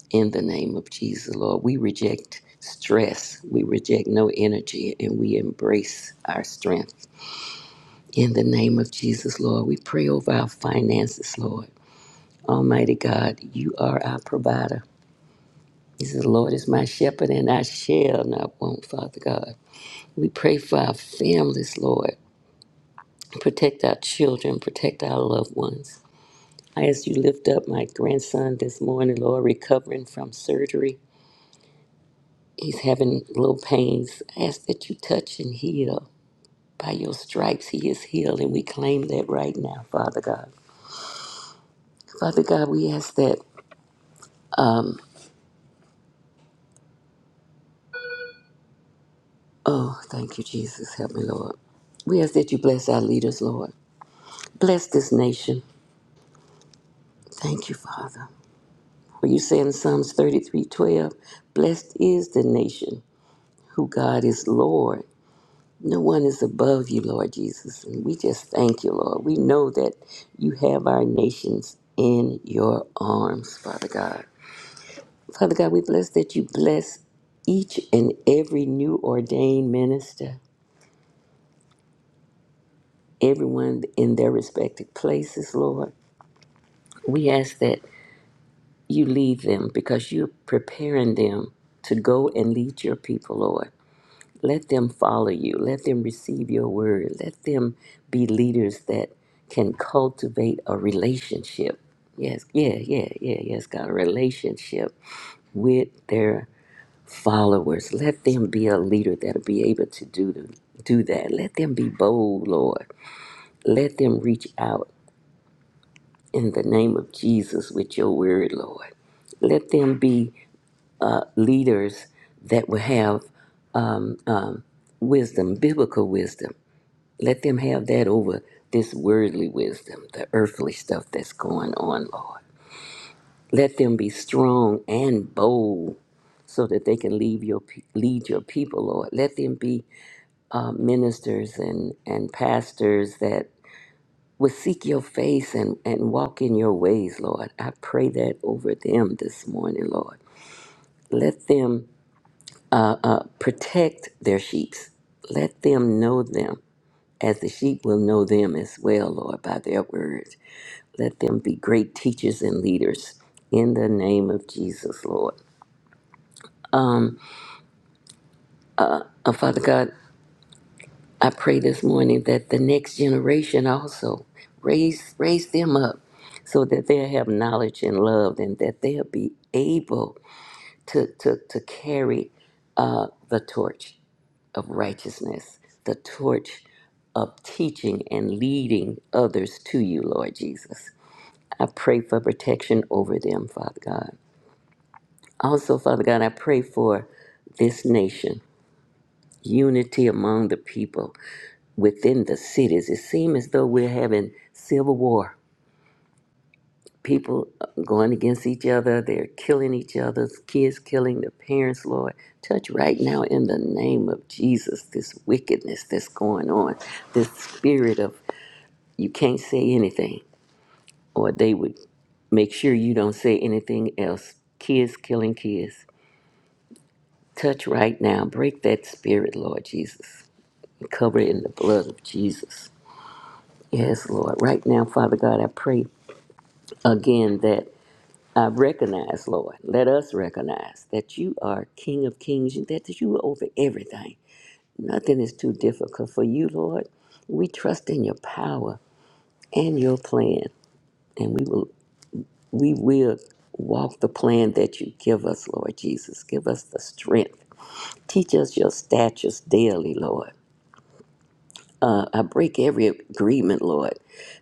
Speaker 4: in the name of Jesus, Lord. We reject stress, we reject no energy, and we embrace our strength. In the name of Jesus, Lord, we pray over our finances, Lord. Almighty God, you are our provider. He says, The Lord is my shepherd, and I shall not want, Father God. We pray for our families, Lord. protect our children, protect our loved ones. I ask you lift up my grandson this morning, Lord, recovering from surgery. He's having low pains. I ask that you touch and heal. By your stripes, he is healed, and we claim that right now, Father God. Father God, we ask that, oh, thank you, Jesus. Help me, Lord. We ask that you bless our leaders, Lord. Bless this nation. Thank you, Father. For you say in Psalms 33 12, blessed is the nation who God is Lord No one is above you, Lord Jesus. And we just thank you, Lord. We know that you have our nations in your arms, Father God. Father God, we bless that you bless each and every new ordained minister, everyone in their respective places, Lord. We ask that you lead them because you're preparing them to go and lead your people, Lord. Let them follow you. Let them receive your word. Let them be leaders that can cultivate a relationship. Yes, yeah, yeah, yeah, yes, God, a relationship with their followers. Let them be a leader that'll be able to do the, do that. Let them be bold, Lord. Let them reach out in the name of Jesus with your word, Lord. Let them be uh, leaders that will have wisdom, biblical wisdom. Let them have that over this worldly wisdom, the earthly stuff that's going on, Lord. Let them be strong and bold so that they can lead your, pe- lead your people, Lord. Let them be uh, ministers and, and pastors that would seek your face and, and walk in your ways, Lord. I pray that over them this morning, Lord. Let them protect their sheep. Let them know them as the sheep will know them as well, Lord, by their words. Let them be great teachers and leaders in the name of Jesus, Lord. Um, uh, Father God, I pray this morning that the next generation also raise raise them up so that they'll have knowledge and love and that they'll be able to, to, to carry uh, the torch of righteousness, the torch of teaching and leading others to you, Lord Jesus. I pray for protection over them, Father God. Also, Father God, I pray for this nation, unity among the people within the cities. It seems as though we're having civil war. People going against each other, they're killing each other, kids killing their parents, Lord. Touch right now in the name of Jesus this wickedness that's going on, this spirit of you can't say anything, or they would make sure you don't say anything else. Kids killing kids Touch right now. Break that spirit, Lord Jesus. Cover it in the blood of Jesus. Yes, Lord. Right now, Father God, I pray again that I recognize, Lord, let us recognize that you are King of Kings and that you are over everything. Nothing is too difficult for you, Lord. We trust in your power and your plan, and we will we will walk the plan that you give us, Lord Jesus. Give us the strength. Teach us your statutes daily, Lord. I break every agreement, Lord,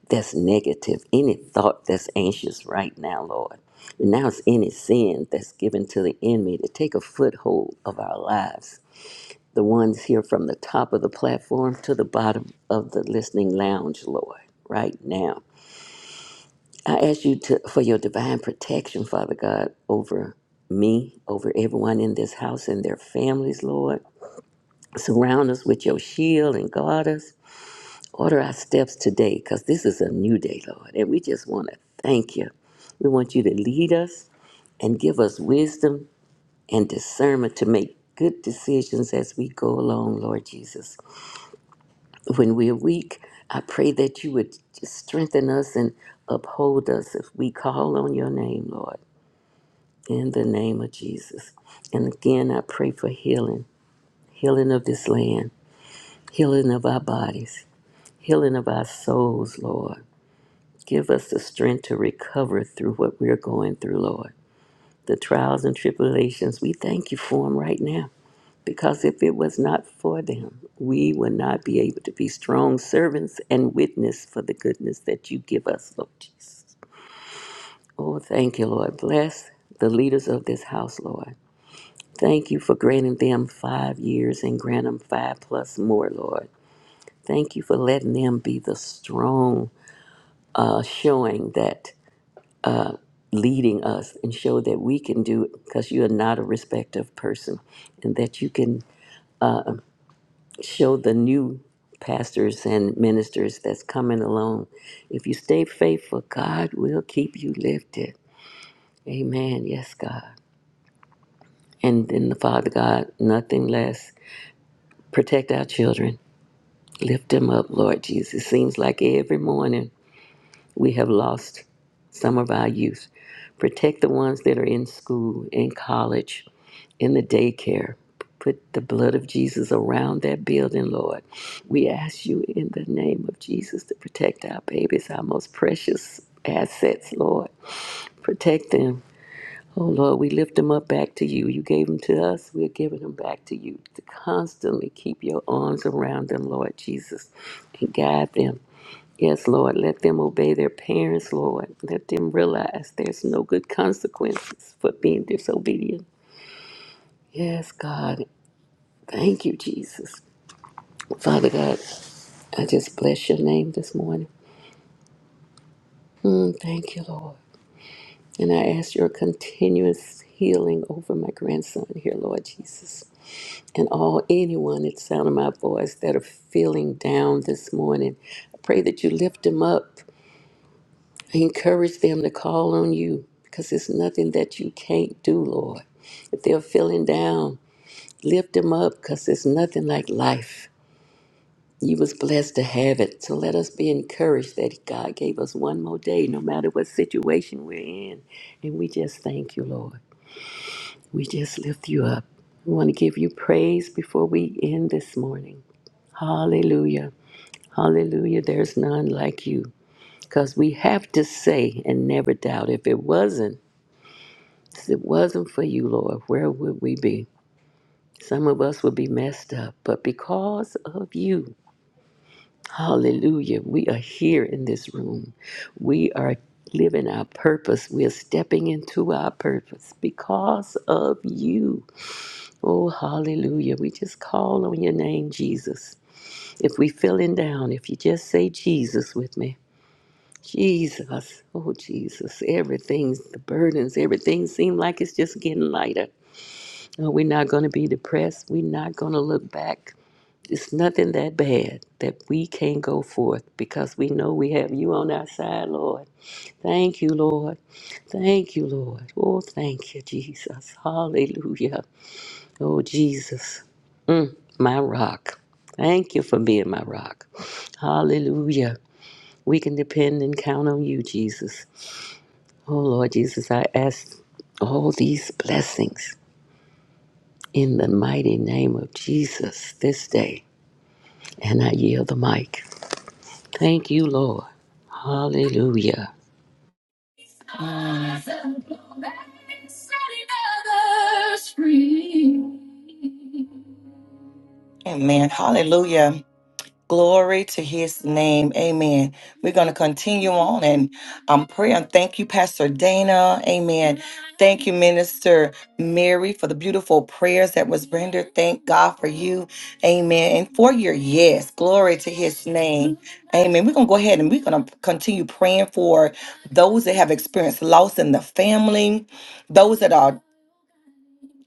Speaker 4: that's negative, any thought that's anxious right now, Lord. And now it's any sin that's given to the enemy to take a foothold of our lives. The ones here from the top of the platform to the bottom of the listening lounge, Lord, right now. I ask you to, for your divine protection, Father God, over me, over everyone in this house and their families, Lord. Surround us with your shield and guard us. Order our steps today because this is a new day, Lord. And we just want to thank you. We want you to lead us and give us wisdom and discernment to make good decisions as we go along, Lord Jesus. When we're weak, I pray that you would just strengthen us and uphold us if we call on your name, Lord, in the name of Jesus. And again, I pray for healing, healing of this land, healing of our bodies, healing of our souls, Lord Give us the strength to recover through what we're going through, Lord. The trials and tribulations, we thank you for them right now. Because if it was not for them, we would not be able to be strong servants and witness for the goodness that you give us, Lord Jesus. Oh, thank you, Lord. Bless the leaders of this house, Lord. Thank you for granting them five years and grant them five plus more, Lord. Thank you for letting them be the strong uh, showing that leading us and show that we can do it because you are not a respecter of person and that you can show the new pastors and ministers that's coming along. If you stay faithful, God will keep you lifted. Amen. Yes, God. And then the Father God, nothing less. Protect our children. Lift them up, Lord Jesus. Seems like every morning We have lost some of our youth. Protect the ones that are in school, in college, in the daycare. Put the blood of Jesus around that building, Lord. We ask you in the name of Jesus to protect our babies, our most precious assets, Lord. Protect them. Oh Lord, we lift them up back to you. You gave them to us, we're giving them back to you. To constantly keep your arms around them, Lord Jesus, and guide them. Yes, Lord, let them obey their parents, Lord. Let them realize there's no good consequences for being disobedient. Yes, God. Thank you, Jesus. Father God, I just bless your name this morning. Mm, thank you, Lord. And I ask your continuous healing over my grandson here, Lord Jesus. And all anyone that sound of my voice that are feeling down this morning. I pray that you lift them up encourage them to call on you because it's nothing that you can't do, Lord. If they're feeling down, lift them up because it's nothing like life. You was blessed to have it. So let us be encouraged that God gave us one more day, no matter what situation we're in. And we just thank you, Lord. We just lift you up. We want to give you praise before we end this morning. Hallelujah. Hallelujah. There's none like you. Because we have to say and never doubt. If it wasn't, If it wasn't for you, Lord, where would we be? Some of us would be messed up, but because of you, hallelujah, we are here in this room. We are living our purpose. We are stepping into our purpose because of you. Oh, hallelujah. We just call on your name, Jesus. If we feeling down, if you just say Jesus with me. Jesus, oh Jesus, everything's the burdens, everything seems like it's just getting lighter. No, we're not going to be depressed. We're not going to look back. It's nothing that bad that we can't go forth because we know we have you on our side, Lord. Thank you, Lord. Thank you, Lord. Oh, thank you, Jesus. Hallelujah. Oh, Jesus, my rock. Thank you for being my rock. Hallelujah. We can depend and count on you, Jesus. Oh, Lord Jesus, I ask all these blessings in the mighty name of Jesus this day. And I yield the mic. Thank you, Lord. Hallelujah.
Speaker 1: Amen. Hallelujah. Glory to his name. Amen. We're going to continue on and um, pray and thank you, Pastor Dana. Amen. Thank you, Minister Mary, for the beautiful prayers that was rendered. Thank God for you. Amen. And for your yes. Glory to his name. Amen. We're going to go ahead and we're going to continue praying for those that have experienced loss in the family, those that are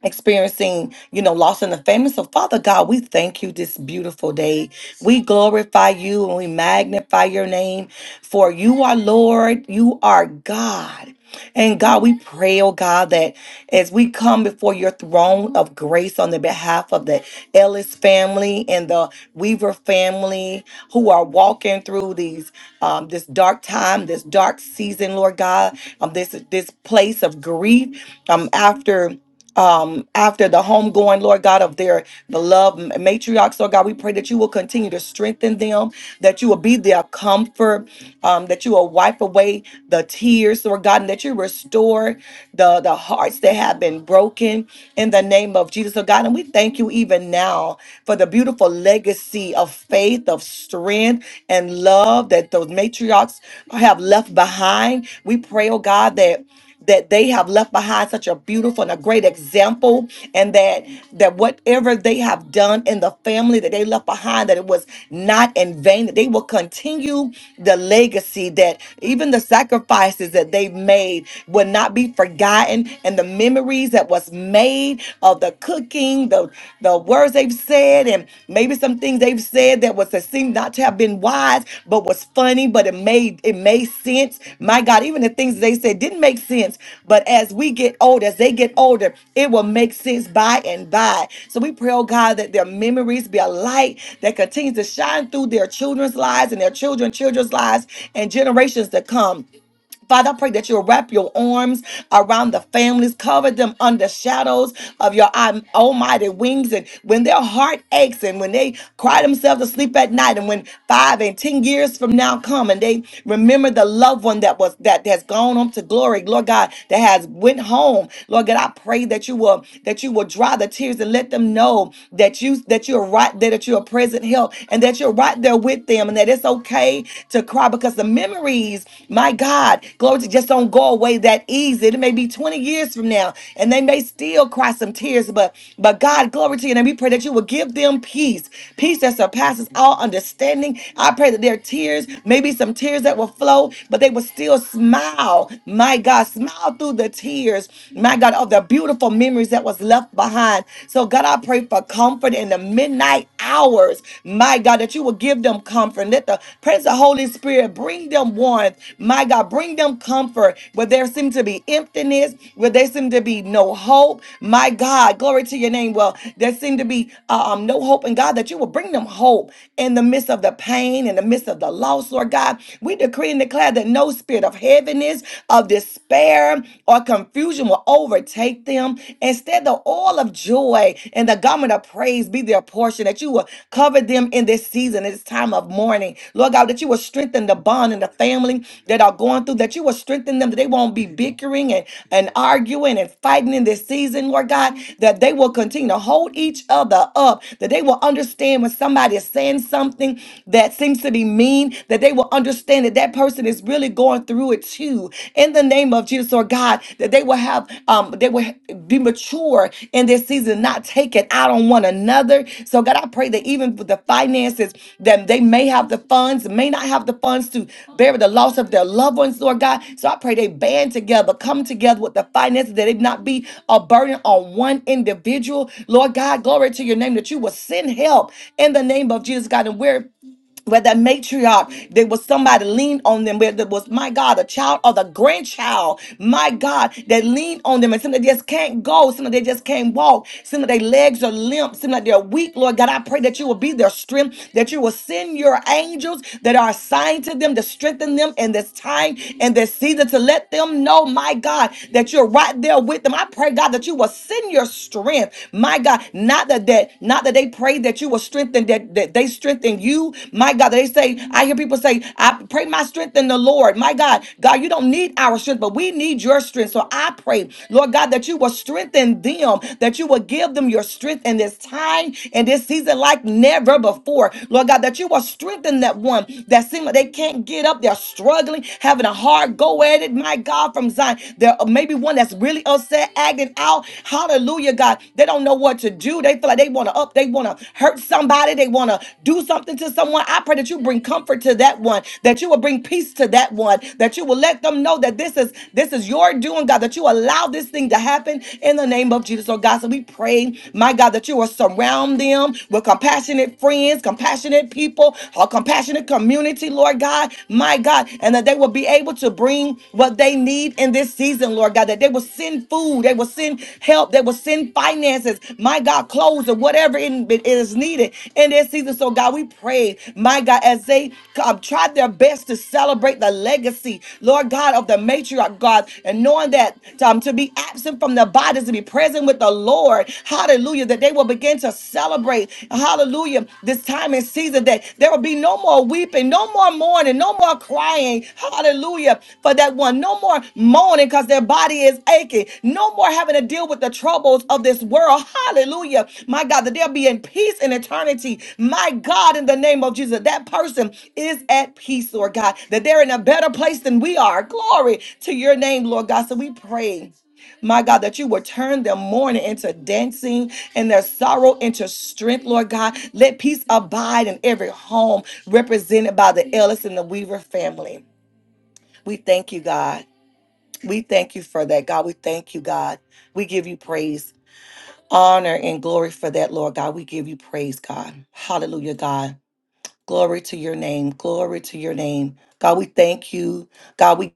Speaker 1: experiencing, you know, loss in the family. So, Father God, we thank you this beautiful day. We glorify you and we magnify your name, for you are Lord, you are God. And God, we pray, oh God, that as we come before your throne of grace on the behalf of the Ellis family and the Weaver family who are walking through these um, this dark time, this dark season, Lord God, um, this this place of grief. Um, after um, after the homegoing, Lord God, of their beloved matriarchs, Lord God, we pray that you will continue to strengthen them, that you will be their comfort, um, that you will wipe away the tears, Lord God, and that you restore the, the hearts that have been broken in the name of Jesus, Lord God. And we thank you even now for the beautiful legacy of faith, of strength, and love that those matriarchs have left behind. We pray, oh God, that that they have left behind such a beautiful and a great example and that that whatever they have done in the family that they left behind that it was not in vain that they will continue the legacy that even the sacrifices that they made will not be forgotten and the memories that was made of the cooking the the words they've said said, and maybe some things they've said that was that seemed not to have been wise, but was funny, but it made it made sense. My God, even the things they said didn't make sense, but as we get older, as they get older, it will make sense by and by. So we pray, oh God, that their memories be a light that continues to shine through their children's lives and their children, children's lives, and generations to come. Father, I pray that you'll wrap your arms around the families, cover them under shadows of your alm- almighty wings. And when their heart aches and when they cry themselves to sleep at night, and when five and ten years from now come and they remember the loved one that was that has gone on to glory, Lord God, that has went home. Lord God, I pray that you will that you will dry the tears and let them know that you that you're right there, that you're a present help, and that you're right there with them them and that it's okay to cry because the memories, my God, glory to just don't go away that easy. It may be 20 years from now and they may still cry some tears, but but God, glory to you. And we pray that you will give them peace, peace that surpasses all understanding. I pray that their tears, maybe some tears that will flow, but they will still smile. My God, smile through the tears, my God, of the beautiful memories that was left behind. So God, I pray for comfort comfort in the midnight hours. My God, that you will give them comfort. Let the presence of the Holy Spirit bring them warmth. My God, bring them comfort where there seem to be emptiness, where there seem to be no hope. My God, glory to your name. Well, there seem to be uh, um, no hope in God, that you will bring them hope in the midst of the pain, in the midst of the loss, Lord God. We decree and declare that no spirit of heaviness, of despair, or confusion will overcome overtake them. Instead, the oil of joy and the garment of praise be their portion, that you will cover them in this season, in this time of mourning. Lord God, that you will strengthen the bond and the family that are going through, that you will strengthen them, that they won't be bickering and, and arguing and fighting in this season, Lord God, that they will continue to hold each other up, that they will understand when somebody is saying something that seems to be mean, that they will understand that that person is really going going through it too. In the name of Jesus, Lord God, that they will have, um, they will be mature in this season, not take it out on one another. So God, I pray that even with the finances, that they may have the funds, may not have the funds to bear the loss of their loved ones, Lord God. So I pray they band together, come together with the finances, that it not be a burden on one individual. Lord God, glory to your name, that you will send help in the name of Jesus, God, and where where that matriarch, there was somebody leaned on them, where there was, my God, a child or the grandchild, my God, that leaned on them. And some that just can't go, some that they just can't walk, some of their legs are limp, some that they're weak. Lord God, I pray that you will be their strength, that you will send your angels that are assigned to them to strengthen them in this time and this season to let them know, my God, that you're right there with them. I pray, God, that you will send your strength, my God, not that that, not that they pray that you will strengthen that, that they strengthen you. My God, they say, I hear people say, I pray my strength in the Lord. My God, God, you don't need our strength, but we need your strength. So I pray, Lord God, that you will strengthen them, that you will give them your strength in this time and this season like never before. Lord God, that you will strengthen that one that seems like they can't get up. They're struggling, having a hard go at it. My God, from Zion. There may be one that's really upset, acting out. Hallelujah. Hallelujah, God. They don't know what to do. They feel like they want to up, they want to hurt somebody, they want to do something to someone. I pray that you bring comfort to that one, that you will bring peace to that one, that you will let them know that this is this is your doing, God, that you allow this thing to happen in the name of Jesus. Oh God, so we pray, my God, that you will surround them with compassionate friends, compassionate people, a compassionate community, Lord God, my God, and that they will be able to bring what they need in this season season, Lord God, that they will send food, they will send help, they will send finances, my God, clothes or whatever it it is needed in this season. So, God, we pray, my God, as they um, try their best to celebrate the legacy, Lord God, of the matriarch, God, and knowing that um, to be absent from the body is to be present with the Lord, hallelujah, that they will begin to celebrate, hallelujah, this time and season that there will be no more weeping, no more mourning, no more crying, thanking, hallelujah, for that one. No more moaning because their body is aching. No more having to deal with the troubles of this world. Hallelujah. My God, that they'll be in peace in eternity. My God, in the name of Jesus, that person is at peace, Lord God, that they're in a better place than we are. Glory to your name, Lord God. So we pray. My God, that you would turn their mourning into dancing and their sorrow into strength, Lord God. Let peace abide in every home represented by the Ellis and the Weaver family. We thank you, God. We thank you for that, God. We thank you, God. We give you praise, honor, and glory for that, Lord God. We give you praise, God. Hallelujah, God. Glory to your name. Glory to your name. God, we thank you. God, we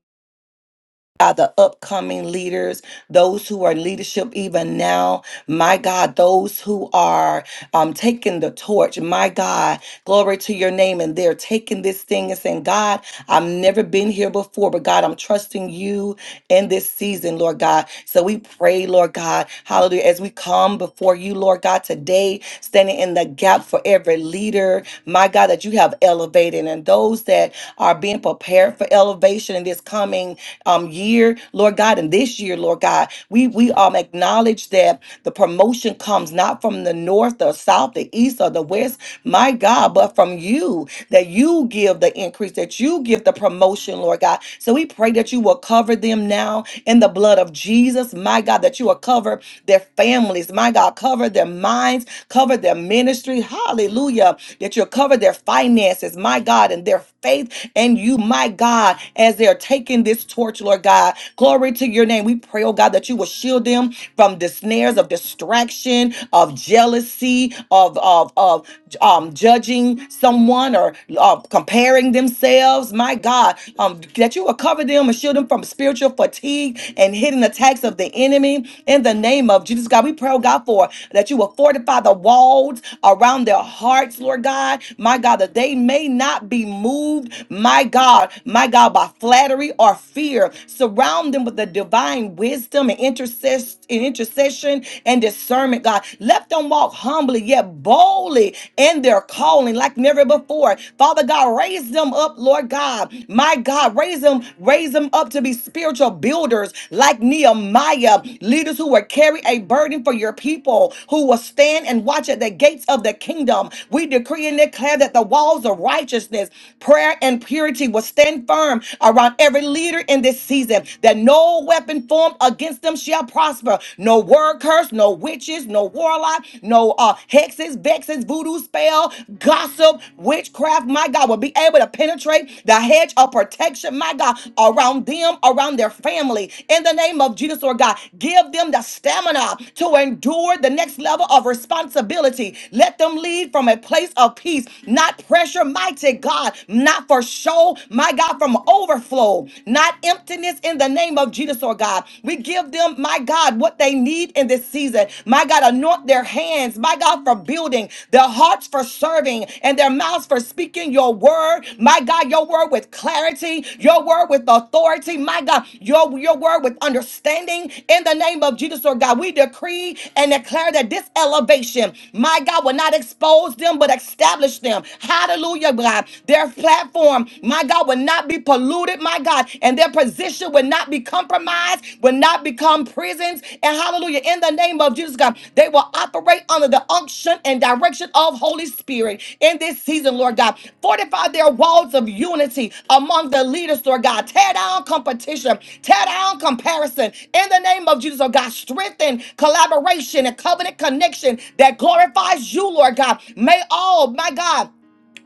Speaker 1: God, the upcoming leaders, those who are in leadership even now. My God, those who are um, taking the torch, my God, glory to your name. And they're taking this thing and saying, God, I've never been here before, but God, I'm trusting you in this season, Lord God. So we pray, Lord God, hallelujah, as we come before you, Lord God, today, standing in the gap for every leader, my God, that you have elevated and those that are being prepared for elevation in this coming um, year, Lord God, and this year, Lord God. We we um um, acknowledge that the promotion comes not from the north or south, the east or the west, my God, but from you, that you give the increase, that you give the promotion, Lord God. So we pray that you will cover them now in the blood of Jesus, my God, that you will cover their families, my God, cover their minds, cover their ministry, hallelujah, that you'll cover their finances, my God, and their faith and you, my God, as they're taking this torch, Lord God. Glory to your name. We we pray, oh God, that you will shield them from the snares of distraction, of jealousy, of of of um, judging someone or uh, comparing themselves. My God, um, that you will cover them and shield them from spiritual fatigue and hidden attacks of the enemy. In the name of Jesus, God, we pray, oh God, for that you will fortify the walls around their hearts, Lord God. My God, that they may not be moved, my God, my God, by flattery or fear. So Surround them with the divine wisdom and intercess- and intercession and discernment, God. Let them walk humbly yet boldly in their calling like never before. Father God, raise them up, Lord God. My God, raise them, raise them up to be spiritual builders like Nehemiah, leaders who will carry a burden for your people, who will stand and watch at the gates of the kingdom. We decree and declare that the walls of righteousness, prayer, and purity will stand firm around on every leader in this season that no weapon formed against them shall prosper. No word curse, no witches, no warlock, no uh, hexes, vexes, voodoo spell, gossip, witchcraft. My God will be able to penetrate the hedge of protection, my God, around them, around their family. In the name of Jesus, or God, give them the stamina to endure the next level of responsibility. Let them lead from a place of peace, not pressure, mighty God, not for show, flow, my God, from overflow, not emptiness in the name of Jesus, or God. We give them, my God, what they need in this season. My God, anoint their hands, my God, for building, their hearts for serving, and their mouths for speaking your word. My God, your word with clarity, your word with authority, my God, your, your word with understanding in the name of Jesus, or God. We decree and declare that this elevation, my God, will not expose them but establish them. Hallelujah, God. Their platform, my God, will not be polluted, my God, and their position will not be compromised, will not become prisons. And hallelujah, in the name of Jesus, God, they will operate under the unction and direction of Holy Spirit in this season, Lord God. Fortify their walls of unity among the leaders, Lord God. Tear down competition, tear down comparison. In the name of Jesus, oh God, strengthen collaboration and covenant connection that glorifies you, Lord God. May all, my God,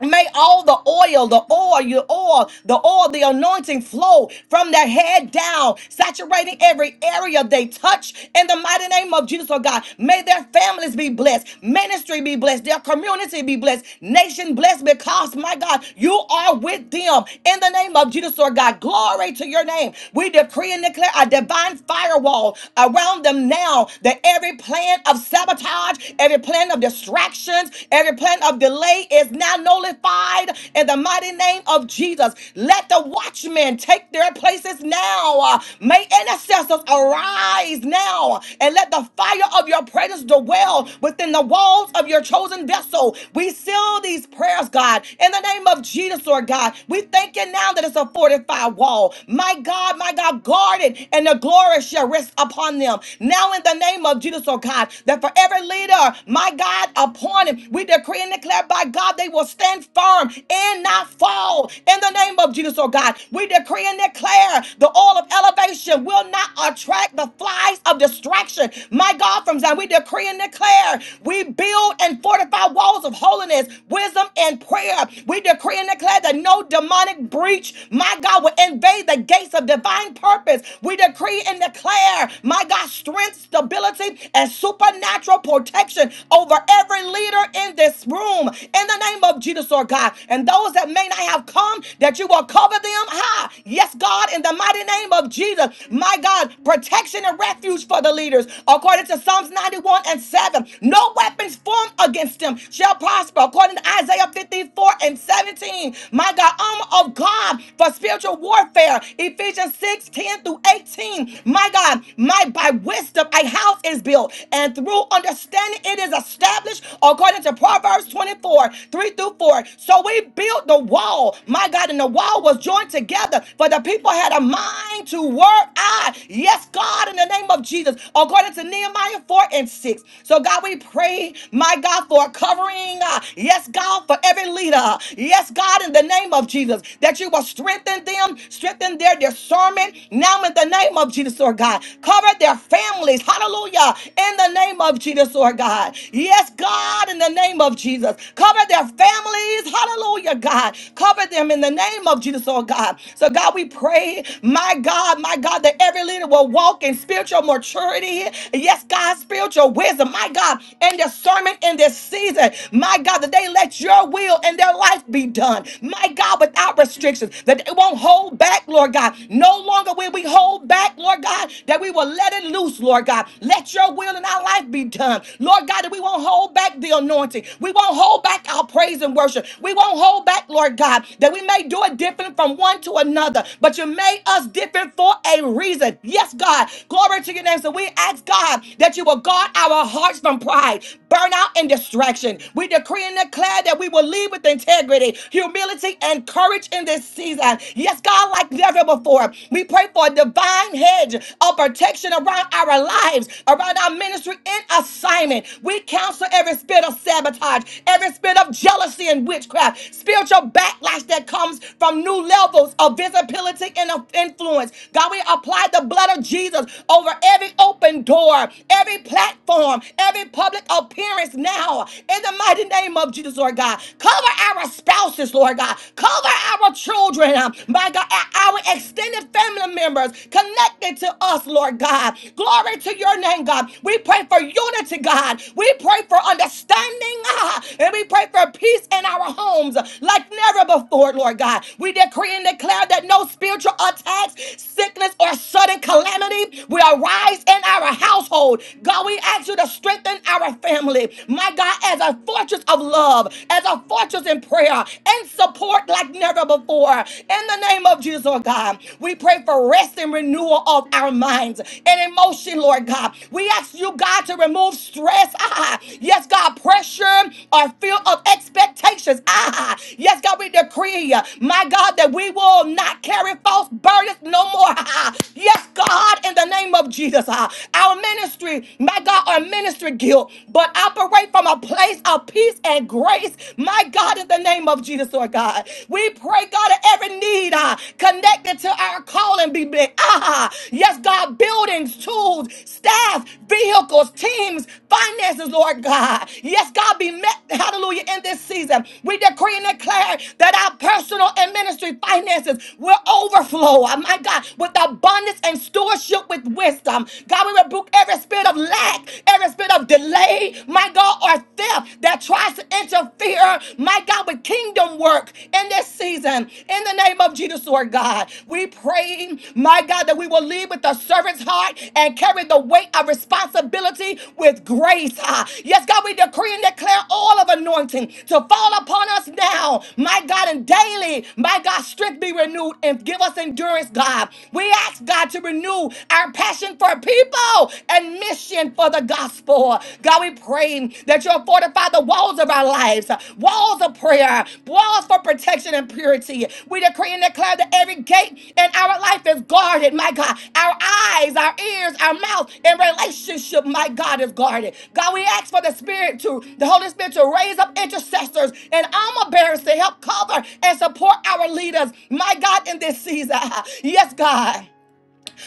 Speaker 1: May all the oil, the oil, your oil, the oil, the anointing flow from their head down, saturating every area they touch in the mighty name of Jesus, oh God. May their families be blessed, ministry be blessed, their community be blessed, nation blessed because, my God, you are with them in the name of Jesus, oh God. Glory to your name. We decree and declare a divine firewall around them now that every plan of sabotage, every plan of distractions, Every plan of delay is now nullified in the mighty name of Jesus. Let the watchmen take their places now. Uh, May intercessors arise now and let the fire of your presence dwell within the walls of your chosen vessel. We seal these prayers, God, in the name of Jesus, Lord God. We thank you now that it's a fortified wall. My God, my God, guard it, and the glory shall rest upon them. Now, in the name of Jesus, oh God, that for every leader are, my God, upon him. We decree and declare by God they will stand firm and not fall in the name of Jesus, oh God. We decree and declare the oil of elevation will not attract the flies of distraction, my God, from Zion. We decree and declare we build and fortify walls of holiness, wisdom, and prayer. We decree and declare that no demonic breach, my God, will invade the gates of divine purpose. We decree and declare, my God, strength, stability, divine and supernatural protection over every leader in this room in the name of Jesus, Lord God. And those that may not have come, that you will cover them high. Yes, God, in the mighty name of Jesus, my God, protection and refuge for the leaders. According to Psalms 91 and 7, no weapons formed against them shall prosper. According to Isaiah 54 and 17, my God, armor of God for spiritual warfare. Ephesians 6:10 through 18, my God, my by wisdom a house is built, and through understanding it is established according to Proverbs 24, 3 through 4. So we built the wall. My God, and the wall was joined together, for the people had a mind to work out. Yes, God, in the name of Jesus, according to Nehemiah 4 and 6. So God, we pray, my God, for a covering. uh, Yes, God, for every leader. Yes, God, in the name of Jesus, that you will strengthen them, strengthen their discernment now in the name of Jesus, Lord God. Cover their families, hallelujah, in the name of Jesus, Lord God. Yes, God, in the name of Jesus. Cover their families, hallelujah, God. Cover them in the name of Jesus, oh God. So, God, we pray, my God, my God, that every leader will walk in spiritual maturity. Yes, God, spiritual wisdom, my God, and discernment in this season. My God, that they let your will and their life be done. My God, without restrictions, that they won't hold hold back, Lord God. No longer will we hold back, Lord God, that we will let it loose, Lord God. Let your will in our life be done. Lord God, that we won't hold back the anointing. We won't hold back our praise and worship. We won't hold back, Lord God, that we may do it different from one to another. But you made us different for a reason. Yes, God. Glory to your name. So we ask, God, that you will guard our hearts from pride, burnout, and distraction. We decree and declare that we will lead with integrity, humility, and courage courage in this season. Yes, God, like never before. We pray for a divine hedge of protection around our lives, around our ministry and assignment. We counsel every spirit of sabotage, every spirit of jealousy and witchcraft, spiritual backlash that comes from new levels of visibility and of influence. God, we apply the blood of Jesus over every open door, every platform, every public appearance now. In the mighty name of Jesus, Lord God, cover our spouses, Lord God. Cover our children, um, my God, our extended family members connected to us, Lord God. Glory to your name, God. We pray for unity, God. We pray for understanding, God. And we pray for peace in our homes like never before, Lord God. We decree and declare that no spiritual attacks, sickness, or sudden calamity will arise in our household. God, we ask you to strengthen our family. My God, as a fortress fortress of love, as a fortress in prayer, and support like never before. In the name of Jesus, Lord God, we pray for rest and renewal of our minds and emotion, Lord God. We ask you, God, to remove stress. Ah, yes, God, pressure or fear of expectations. Ah, yes, God, we decree, my God, that we will not carry false burdens no more. Ah, yes, God, in the name of Jesus, ah, our ministry, my God, our ministry guilt but operate from a place of peace and grace. My God, in the name of Jesus, Lord God, we pray, God, that every need uh, connected to our calling be met. Ah, yes, God, buildings, tools, staff, vehicles, teams, finances, Lord God. Yes, God, be met, hallelujah, in this season. We decree and declare that our personal and ministry finances will overflow, oh my God, with abundance and stewardship with wisdom. God, we rebuke every spirit of of lack, every spirit of delay, my God, or theft that tries to interfere, my God, with kingdom work in this season. In the name of Jesus, Lord God, we pray, my God, that we will lead with a servant's heart and carry the weight of responsibility with grace. Ah, Yes, God, we decree and declare all of anointing to fall upon us now, my God, and daily, my God, strength be renewed and give us endurance, God. We ask God to renew our passion passion for people and mission for the gospel. God, we pray that you'll fortify the walls of our lives, walls of prayer, walls for protection and purity. We decree and declare that every gate in our life is guarded, my God. Our eyes, our ears, our mouth, and relationship, my God, is guarded. God, we ask for the Spirit to, the Holy Spirit to raise up intercessors and armor bearers to help cover and support our leaders, my God, in this season. Yes, God.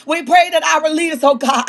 Speaker 1: We pray that our leaders, oh God,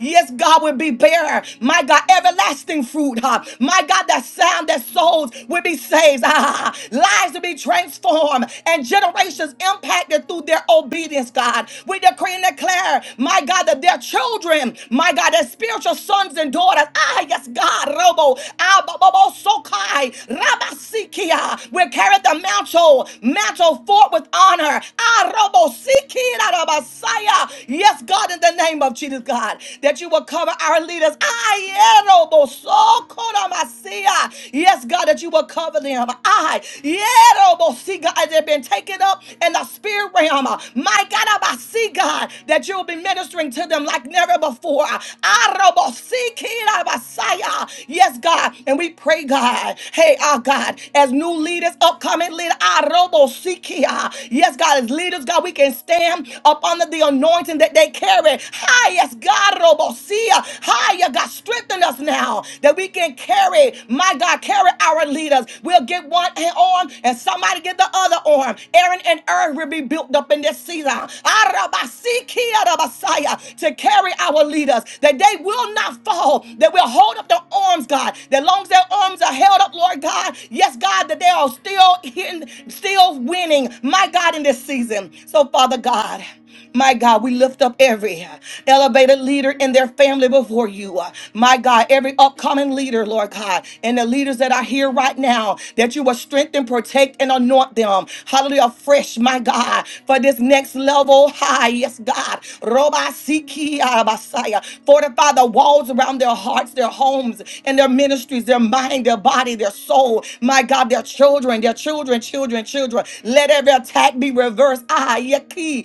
Speaker 1: yes, God, will be bearer. My God, everlasting fruit. huh? My God, that sound, that souls will be saved. ah. Lives will be transformed and generations impacted through their obedience, God. We decree and declare, my God, that their children, my God, their spiritual sons and daughters, ah, yes, God, Robo, Abobo, Sokai, Rabasikia, will carry the mantle, mantle forth with honor. Ah, Robo, Siki, Rabasaya. Yes, God, in the name of Jesus, God, that you will cover our leaders. I erobo so kodamasia. Yes, God, that you will cover them. I erobo see God as they've been taken up in the spirit realm. My God, I see God that you'll be ministering to them like never before. Arobo see kirabasaya. Yes, God, and we pray, God. Hey, our God, as new leaders, upcoming leaders, arobo see kia. yes, God, as leaders, God, we can stand up under the anointing anointing that they carry. Highest God, Robosia. Higher God, strengthen us now that we can carry, my God, carry our leaders. We'll get one arm and somebody get the other arm. Aaron and Ur will be built up in this season. Arabasikia, Rabasaya, To carry our leaders, that they will not fall, that we'll hold up their arms, God. That long as their arms are held up, Lord God, yes, God, that they are still in, still winning, my God, in this season. So, Father God. My God, God, we lift up every uh, elevated leader in their family before you. uh, My God, every upcoming leader, Lord God, and the leaders that are here right now, that you will strengthen, protect, and anoint them. Hallelujah, fresh, my God, for this next level high. Yes, God. Roba Siki Arabasaya. Fortify the walls around their hearts, their homes, and their ministries, their mind, their body, their soul. My God, their children, their children, children, children. Let every attack be reversed. Ah, Yaki,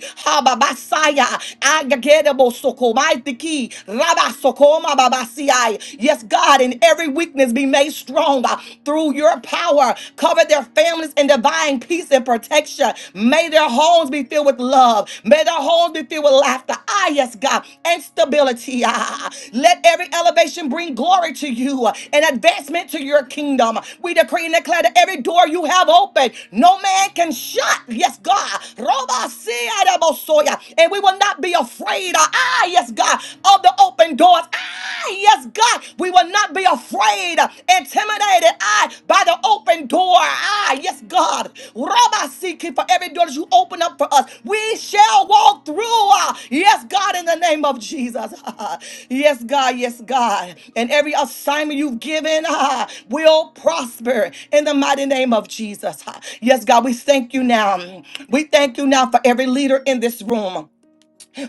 Speaker 1: Rabasaya, Agagedabo Soko, Mighty Key, Rabasokoma Babasiai. Yes, God, in every weakness be made strong uh, through your power. Cover their families in divine peace and protection. May their homes be filled with love. May their homes be filled with laughter. Ah, yes, God, and stability. Ah, ah, ah. let every elevation bring glory to you uh, and advancement to your kingdom. We decree and declare that every door you have opened, no man can shut. Yes, God. Roba sea de bosoya and we will not be afraid. Ah, ah, yes, God, of the open doors. Ah, ah, yes, God, we will not be afraid, intimidated. Ah, by the open door. Ah, ah, yes, God. Rabbi seeking for every door that you open up for us. We shall walk through. Ah, yes, God, in the name of Jesus. yes, God, yes, God. And every assignment you've given ah, will prosper in the mighty name of Jesus. Ah, yes, God, we thank you now. We thank you now for every leader in this room.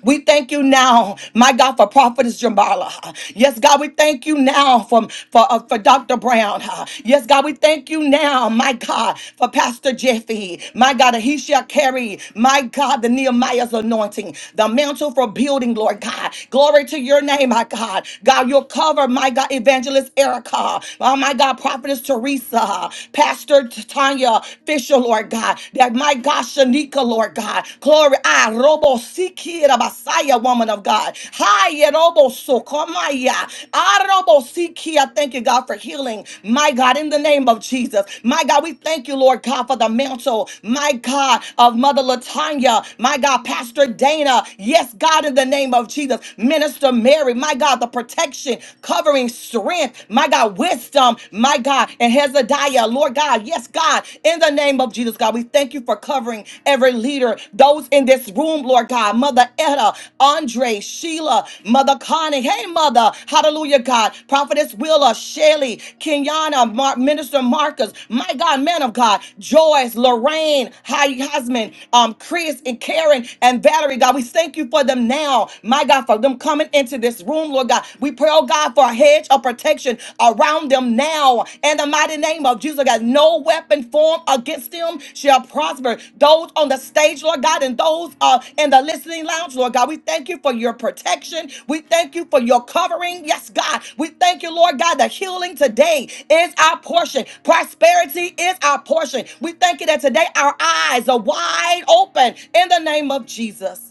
Speaker 1: We thank you now, my God, for Prophetess Jambala. Yes, God, we thank you now for, for, uh, for Dr. Brown. Yes, God, we thank you now, my God, for Pastor Jeffy. My God, that he shall carry, my God, the Nehemiah's anointing, the mantle for building, Lord God. Glory to your name, my God. God, you'll cover, my God, Evangelist Erica. Oh, my God, Prophetess Teresa, Pastor Tanya Fisher, Lord God. that my God, Shanika, Lord God. Glory, I robo siki da basaya, woman of God. Hi, robo sokomaya. I robo siki. I thank you, God, for healing. My God, in the name of Jesus. My God, we thank you, Lord God, for the mantle. My God, of Mother Latanya. My God, Pastor Dana. Yes, God, in the name of Jesus. Minister Mary. My God, the protection, covering, strength. My God, wisdom. My God, and Hezekiah, Lord God. Yes, God, in the name of Jesus, God, we thank you for covering every leader, those in this room, Lord God, Mother Etta, Andre, Sheila, Mother Connie, hey, Mother, hallelujah, God, Prophetess Willa, Shelly, Kenyana, Mar- Minister Marcus, my God, man of God, Joyce, Lorraine, Hy- Husband, um, Chris, and Karen, and Valerie, God, we thank you for them now, my God, for them coming into this room, Lord God, we pray, oh God, for a hedge of protection around them now. In the mighty name of Jesus, God, no weapon formed against them shall prosper. Those on the stage, Lord God, and those uh, in the listening lounge, Lord God, we thank you for your protection. We thank you for your covering. Yes, God. We thank you, Lord God, that healing today is our portion. Prosperity is our portion. We thank you that today our eyes are wide open in the name of Jesus.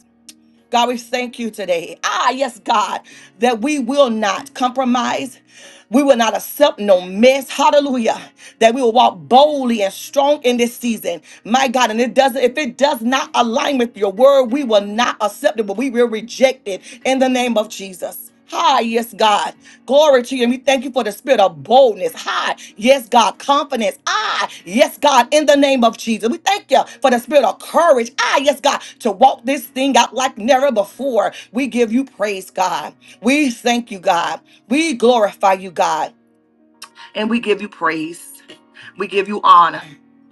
Speaker 1: God, we thank you today. Ah, yes, God, that we will not compromise. We will not accept no mess. Hallelujah. That we will walk boldly and strong in this season. My God, and it doesn't, if it does not align with your word, we will not accept it, but we will reject it in the name of Jesus. Hi, yes, God. Glory to you. And we thank you for the spirit of boldness. Hi, yes, God. Confidence. Ah, yes, God. In the name of Jesus. We thank you for the spirit of courage. Ah, yes, God. To walk this thing out like never before. We give you praise, God. We thank you, God. We glorify you, God. And we give you praise. We give you honor.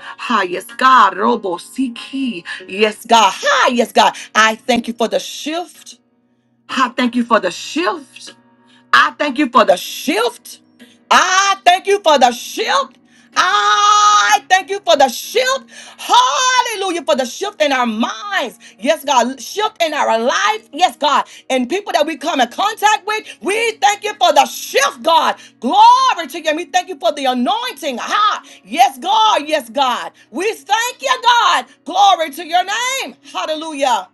Speaker 1: Hi, yes, God. Robo Siki. Yes, God. Hi, yes, God. I thank you for the shift. I thank you for the shift. I thank you for the shift. I thank you for the shift. I thank you for the shift. Hallelujah. For the shift in our minds. Yes, God. Shift in our life. Yes, God. And people that we come in contact with. We thank you for the shift, God. Glory to you. And we thank you for the anointing. Ha. Yes, God. Yes, God. We thank you, God. Glory to your name. Hallelujah.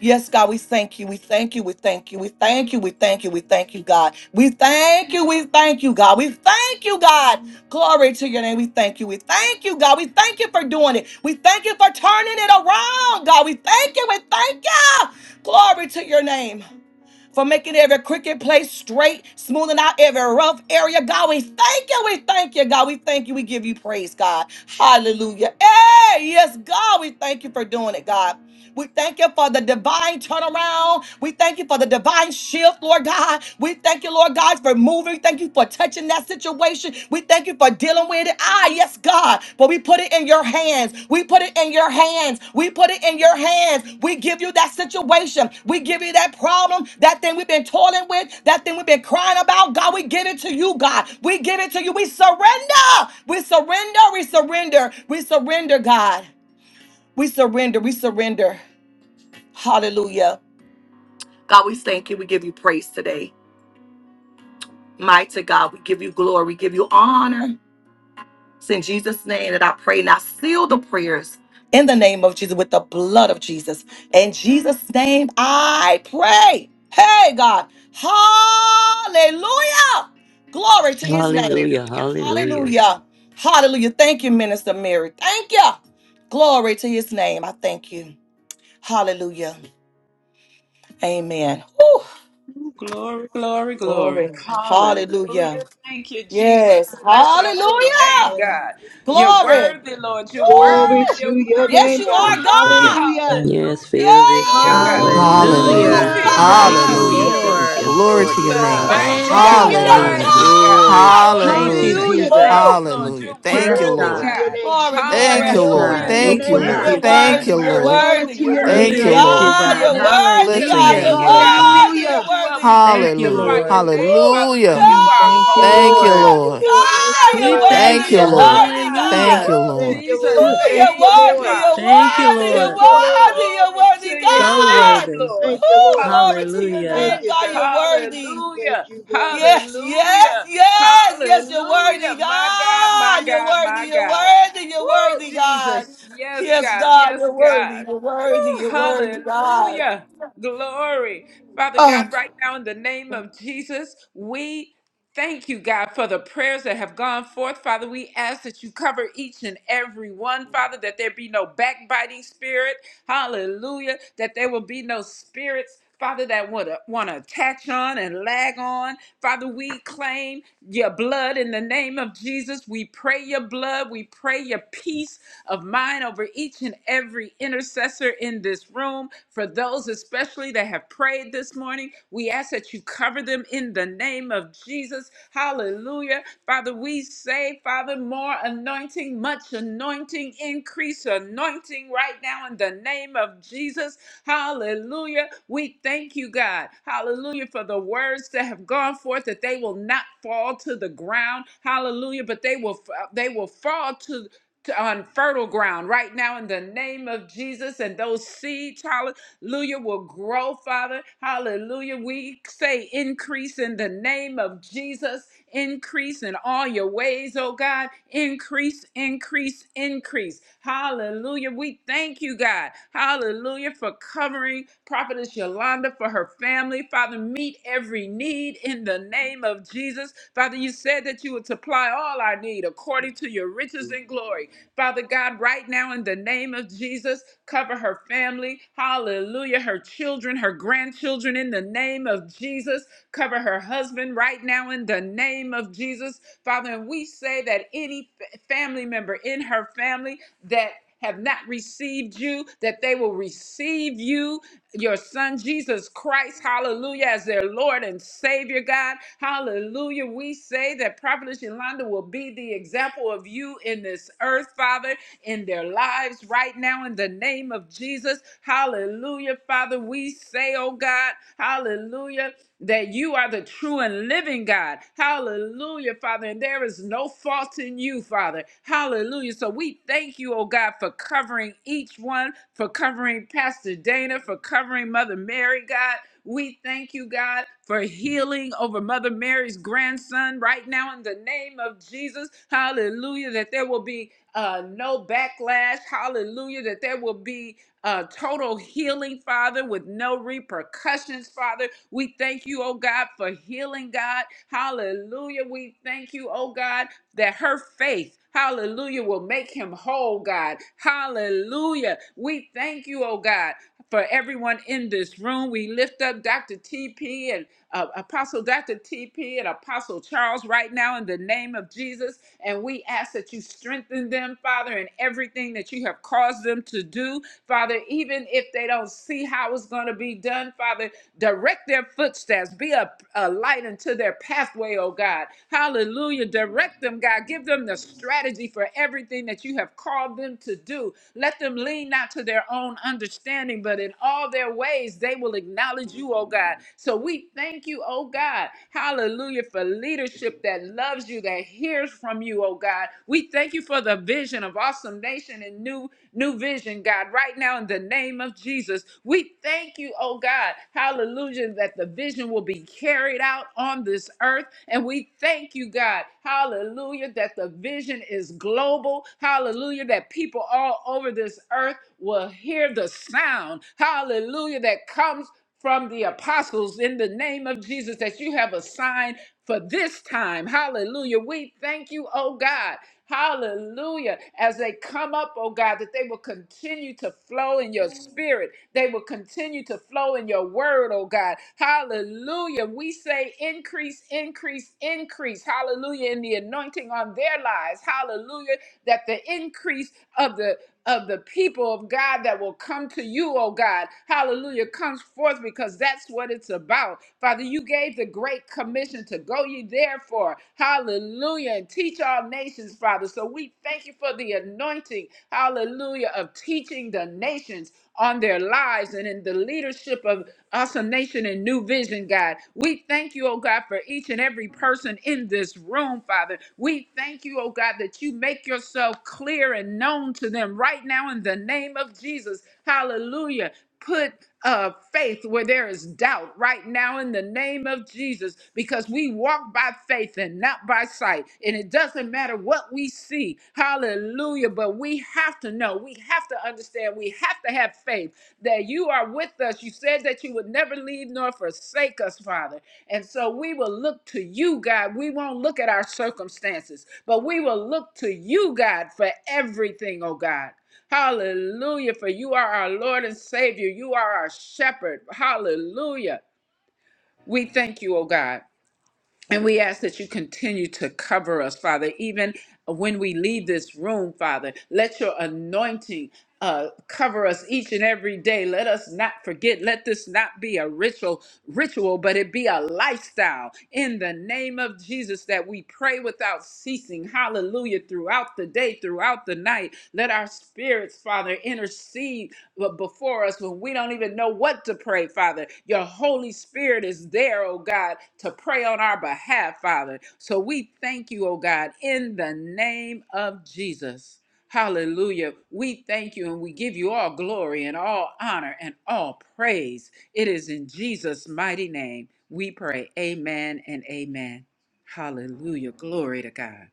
Speaker 1: Yes, God, we thank you. We thank you. We thank you. We thank you. We thank you. We thank you, God. We thank you. We thank you, God. We thank you, God. Glory to your name. We thank you. We thank you, God. We thank you for doing it. We thank you for turning it around, God. We thank you. We thank you. Glory to your name. For making every crooked place straight, smoothing out every rough area. God, we thank you. We thank you, God. We thank you. We give you praise, God. Hallelujah. Hey, yes, God, we thank you for doing it, God. We thank you for the divine turnaround. We thank you for the divine shift, Lord God. We thank you, Lord God, for moving. Thank you for touching that situation. We thank you for dealing with it. Ah, yes, God. But we put it in your hands. We put it in your hands. We put it in your hands. We give you that situation. We give you that problem, that thing we've been toiling with, that thing we've been crying about. God, we give it to you, God. We give it to you. We surrender. We surrender. We surrender. We surrender, God. We surrender. We surrender. Hallelujah. God, we thank you. We give you praise today. Mighty God, we give you glory. We give you honor. It's in Jesus' name that I pray. Now seal the prayers in the name of Jesus with the blood of Jesus. In Jesus' name, I pray. Hey, God. Hallelujah. Glory to his name.
Speaker 4: Hallelujah.
Speaker 1: Hallelujah.
Speaker 4: Hallelujah.
Speaker 1: Hallelujah. Thank you, Minister Mary. Thank you. Glory to his name. I thank you. Hallelujah. Amen. Whew.
Speaker 5: Glory, glory, glory.
Speaker 1: Glory. Hallelujah.
Speaker 5: Hallelujah. Thank you, Jesus.
Speaker 1: Yes.
Speaker 5: Bless your holy name,
Speaker 1: Hallelujah.
Speaker 5: God. You're
Speaker 1: Glory.
Speaker 5: worthy, Lord. You're worthy.
Speaker 2: Glory
Speaker 1: Woo!
Speaker 5: You're
Speaker 2: to your
Speaker 1: Yes,
Speaker 5: worthy.
Speaker 2: name,
Speaker 1: you
Speaker 5: You're
Speaker 2: God.
Speaker 1: are
Speaker 6: Thank the
Speaker 5: worthy.
Speaker 6: Lord.
Speaker 1: God.
Speaker 2: Hallelujah.
Speaker 6: Thank the
Speaker 4: Yes,
Speaker 5: Hallelujah.
Speaker 1: Yes,
Speaker 4: fill this
Speaker 5: Thank you,
Speaker 4: place,
Speaker 5: God.
Speaker 6: Lord.
Speaker 4: Lord.
Speaker 6: worthy, worthy,
Speaker 7: Hallelujah.
Speaker 6: worthy.
Speaker 5: Woo,
Speaker 3: Hallelujah.
Speaker 2: Hallelujah.
Speaker 4: Hallelujah.
Speaker 5: Jesus.
Speaker 3: Thank
Speaker 4: Thank you,
Speaker 6: Hallelujah.
Speaker 3: you,
Speaker 7: Hallelujah.
Speaker 2: Hallelujah.
Speaker 6: We
Speaker 4: Jesus.
Speaker 3: Lord.
Speaker 5: Jesus.
Speaker 6: bless
Speaker 4: Yes,
Speaker 6: the
Speaker 7: Glory
Speaker 2: Thank
Speaker 4: Lord.
Speaker 7: to
Speaker 6: Lord.
Speaker 2: you,
Speaker 7: your
Speaker 4: Yes,
Speaker 6: Thank
Speaker 5: Jesus.
Speaker 7: name,
Speaker 2: God.
Speaker 4: God.
Speaker 6: the
Speaker 7: God.
Speaker 6: Lord.
Speaker 5: Mighty
Speaker 3: Thank
Speaker 2: Thank
Speaker 3: you,
Speaker 1: God.
Speaker 5: God.
Speaker 1: Yes,
Speaker 2: you.
Speaker 3: Lord.
Speaker 7: Hallelujah.
Speaker 6: Hallelujah.
Speaker 5: Mighty
Speaker 6: We
Speaker 5: God.
Speaker 4: Glory.
Speaker 1: God.
Speaker 6: magnify you,
Speaker 5: Glory
Speaker 3: Thank you,
Speaker 6: Lord
Speaker 5: to
Speaker 7: Hallelujah.
Speaker 6: God.
Speaker 5: your
Speaker 2: Hallelujah,
Speaker 3: Jesus.
Speaker 2: God.
Speaker 1: Woo!
Speaker 5: name,
Speaker 6: In
Speaker 5: Lord.
Speaker 6: the name
Speaker 7: Hallelujah.
Speaker 5: You're
Speaker 7: Thank you,
Speaker 3: Yes,
Speaker 6: of
Speaker 2: Glory
Speaker 5: worthy,
Speaker 2: to
Speaker 7: Lord.
Speaker 6: Jesus.
Speaker 3: God.
Speaker 2: your
Speaker 6: Thank
Speaker 5: God.
Speaker 2: name,
Speaker 6: you, Lord.
Speaker 1: Glory,
Speaker 2: Jesus.
Speaker 7: Thank
Speaker 1: glory.
Speaker 7: you,
Speaker 3: Yes,
Speaker 6: We
Speaker 7: Lord.
Speaker 2: Glory
Speaker 6: bless
Speaker 5: Hallelujah.
Speaker 3: God.
Speaker 2: to
Speaker 6: you,
Speaker 2: your
Speaker 5: You're
Speaker 3: We
Speaker 7: Thank
Speaker 6: Lord.
Speaker 7: you,
Speaker 2: name,
Speaker 3: thank
Speaker 7: Lord.
Speaker 2: God.
Speaker 1: You're
Speaker 3: you,
Speaker 5: worthy. You're
Speaker 7: Thank
Speaker 3: God.
Speaker 1: worthy.
Speaker 7: you,
Speaker 6: We
Speaker 1: You're
Speaker 6: thank
Speaker 5: worthy.
Speaker 7: Lord.
Speaker 6: you,
Speaker 2: Glory
Speaker 5: You're
Speaker 1: worthy.
Speaker 2: to
Speaker 1: You're
Speaker 2: your
Speaker 3: We
Speaker 2: name,
Speaker 1: worthy,
Speaker 7: Thank you,
Speaker 2: God.
Speaker 5: worthy.
Speaker 3: lift
Speaker 7: Lord.
Speaker 2: Glory
Speaker 3: you,
Speaker 2: to
Speaker 1: God.
Speaker 2: your
Speaker 3: God.
Speaker 1: You're
Speaker 2: name.
Speaker 1: worthy,
Speaker 7: Bless
Speaker 5: Hallelujah.
Speaker 7: your
Speaker 1: God.
Speaker 5: Thank
Speaker 1: You're
Speaker 7: name,
Speaker 3: Hallelujah.
Speaker 1: worthy.
Speaker 5: you,
Speaker 7: Lord
Speaker 5: God. We
Speaker 7: God.
Speaker 2: Hallelujah.
Speaker 1: You're
Speaker 5: lift you up.
Speaker 1: worthy.
Speaker 5: We
Speaker 3: Thank you,
Speaker 7: Hallelujah.
Speaker 5: magnify your
Speaker 3: Lord.
Speaker 2: Hallelujah.
Speaker 5: name,
Speaker 1: Woo!
Speaker 5: Father, for
Speaker 7: Hallelujah.
Speaker 5: you
Speaker 3: Hmm,
Speaker 5: are
Speaker 2: Thank
Speaker 3: thank
Speaker 2: you,
Speaker 3: you,
Speaker 5: holy,
Speaker 7: Thank
Speaker 2: Lord.
Speaker 7: you,
Speaker 3: Lord.
Speaker 2: Thank
Speaker 5: Lord.
Speaker 1: Yes!
Speaker 2: you,
Speaker 7: Lord.
Speaker 2: Lord.
Speaker 5: My
Speaker 2: Thank
Speaker 1: God,
Speaker 2: you,
Speaker 5: God,
Speaker 1: you're
Speaker 3: We
Speaker 5: my
Speaker 2: Lord. Thank
Speaker 3: thank
Speaker 1: worthy,
Speaker 7: Thank
Speaker 5: God,
Speaker 7: you,
Speaker 2: you,
Speaker 3: you.
Speaker 5: my
Speaker 1: you're
Speaker 7: Lord.
Speaker 2: Lord.
Speaker 1: worthy,
Speaker 5: God.
Speaker 7: Thank
Speaker 1: God.
Speaker 7: you,
Speaker 3: Hallelujah.
Speaker 5: Woo,
Speaker 2: Thank
Speaker 7: Lord.
Speaker 2: you,
Speaker 5: Jesus.
Speaker 2: Lord.
Speaker 3: Phew.
Speaker 1: Woo,
Speaker 2: Thank
Speaker 1: you're
Speaker 5: Thank
Speaker 2: you,
Speaker 5: you,
Speaker 1: worthy,
Speaker 2: Lord.
Speaker 1: you're
Speaker 5: Father.
Speaker 3: Thank you,
Speaker 5: Thank
Speaker 1: worthy, you're
Speaker 2: Thank
Speaker 3: Lord.
Speaker 2: you,
Speaker 5: you,
Speaker 2: Lord.
Speaker 1: worthy,
Speaker 5: Lord.
Speaker 1: you're
Speaker 5: Glory to
Speaker 1: worthy,
Speaker 2: Thank
Speaker 5: your
Speaker 2: you,
Speaker 3: So
Speaker 2: Lord.
Speaker 5: name,
Speaker 1: God.
Speaker 3: worthy.
Speaker 5: Lord.
Speaker 2: Thank you,
Speaker 1: Woo,
Speaker 2: Lord.
Speaker 1: glory to your
Speaker 3: Hallelujah.
Speaker 2: Thank
Speaker 5: Hallelujah.
Speaker 1: name,
Speaker 2: you,
Speaker 1: God,
Speaker 2: God.
Speaker 1: you're worthy.
Speaker 2: Thank
Speaker 5: Hallelujah.
Speaker 2: you, God.
Speaker 1: Yes, yes,
Speaker 5: Hallelujah.
Speaker 1: yes, yes, you're worthy,
Speaker 5: Hallelujah. My God, my
Speaker 1: God. You're
Speaker 5: God,
Speaker 1: worthy,
Speaker 5: my
Speaker 1: you're
Speaker 5: God.
Speaker 1: worthy, you're
Speaker 5: Woo,
Speaker 1: worthy, God.
Speaker 5: Jesus. Yes,
Speaker 1: Yes,
Speaker 5: God.
Speaker 1: God,
Speaker 5: Yes,
Speaker 1: you're worthy,
Speaker 5: God.
Speaker 1: you're worthy,
Speaker 5: Woo,
Speaker 1: you're worthy, God.
Speaker 5: hallelujah. Glory. Father
Speaker 1: Oh,
Speaker 5: God, right now in the name of Jesus, we thank you, God, for the prayers that have gone forth. Father, we ask that you cover each and every one, Father, that there be no backbiting spirit. Hallelujah. That there will be no spirits. Father, that would want to attach on and lag on. Father, we claim your blood in the name of Jesus. We pray your blood. We pray your peace of mine over each and every intercessor in this room. For those especially that have prayed this morning, we ask that you cover them in the name of Jesus. Hallelujah. Father, we say, Father, more anointing, much anointing, increase anointing right now in the name of Jesus. Hallelujah. We thank you, God. Hallelujah for the words that have gone forth that they will not fall to the ground. Hallelujah, but they will they will fall to to- on fertile ground right now in the name of Jesus. And those seeds, hallelujah, will grow, Father. Hallelujah. We say increase in the name of Jesus. Increase in all your ways, oh God. Increase, increase, increase. Hallelujah. We thank you, God. Hallelujah for covering Prophetess Yolanda for her family. Father, meet every need in the name of Jesus. Father, you said that you would supply all our need according to your riches and glory. Father God, right now in the name of Jesus, cover her family. Hallelujah. Her children, her grandchildren in the name of Jesus. Cover her husband right now in the name of Jesus. Father, and we say that any fa- family member in her family that have not received you, that they will receive you your son Jesus Christ, hallelujah, as their Lord and Savior, God. Hallelujah. We say that Prophetess Yolanda will be the example of you in this earth, Father, in their lives right now in the name of Jesus. Hallelujah, Father. We say, oh God, hallelujah that you are the true and living God. Hallelujah, Father. And there is no fault in you, Father. Hallelujah. So we thank you, oh God, for covering each one, for covering Pastor Dana, for covering Mother Mary, God. We thank you, God, for healing over Mother Mary's grandson right now in the name of Jesus. Hallelujah. That there will be uh, no backlash. Hallelujah. That there will be uh, total healing, Father, with no repercussions, Father. We thank you, oh God, for healing, God. Hallelujah. We thank you, oh God, that her faith, hallelujah, will make him whole, God. Hallelujah. We thank you, oh God, for everyone in this room. We lift up Dr. TP and uh, Apostle Dr. TP and Apostle Charles right now in the name of Jesus. And we ask that you strengthen them, Father, in everything that you have caused them to do. Father, even if they don't see how it's going to be done, Father, direct their footsteps, be a, a light into their pathway, oh God. Hallelujah. Direct them, God. Give them the strategy for everything that you have called them to do. Let them lean not to their own understanding, but in all their ways, they will acknowledge you, oh God. So we thank you, oh God. Hallelujah for leadership that loves you loves you, that hears from you, oh God. We thank you for the vision of awesome nation and new new vision, God, right now in the name of Jesus. We thank you, oh God, hallelujah, that the vision will be carried out on this earth. And we thank you, God, hallelujah, that the vision is global, hallelujah, that people all over this earth will hear the sound, hallelujah, that comes from the apostles in the name of Jesus that you have assigned for this time. Hallelujah. We thank you, oh God. Hallelujah. As they come up, oh God, that they will continue to flow in your spirit. They will continue to flow in your word, oh God. Hallelujah. We say increase, increase, increase. Hallelujah. In the anointing on their lives. Hallelujah. That the increase of the of the people of God that will come to you, oh God. Hallelujah. Comes forth because that's what it's about. Father, you gave the great commission to go ye therefore. Hallelujah. And teach all nations, Father. So we thank you for the anointing, hallelujah, of teaching the nations on their lives and in the leadership of Awesome Nation and New Vision, God. We thank you, oh God, for each and every person in this room, Father. We thank you, oh God, that you make yourself clear and known to them right now in the name of Jesus. Hallelujah. Put uh, faith where there is doubt right now in the name of Jesus because we walk by faith and not by sight. And it doesn't matter what we see. Hallelujah. But we have to know, we have to understand, we have to have faith that you are with us. You said that you would never leave nor forsake us, Father. And so we will look to you, God. We won't look at our circumstances, but we will look to you, God, for everything, oh God. Hallelujah. For you are our Lord and Savior. You are our shepherd. Hallelujah. We thank you, oh God. And we ask that you continue to cover us, Father, even when we leave this room, Father. Let your anointing uh, cover us each and every day. Let us not forget. Let this not be a ritual, ritual, but it be a lifestyle. In the name of Jesus, that we pray without ceasing. Hallelujah! Throughout the day, throughout the night, let our spirits, Father, intercede but before us when we don't even know what to pray, Father. Your Holy Spirit is there, oh God, to pray on our behalf, Father. So we thank you, oh God, in the name of Jesus. Hallelujah. We thank you and we give you all glory and all honor and all praise. It is in Jesus' mighty name we pray. Amen and amen. Hallelujah. Glory to God.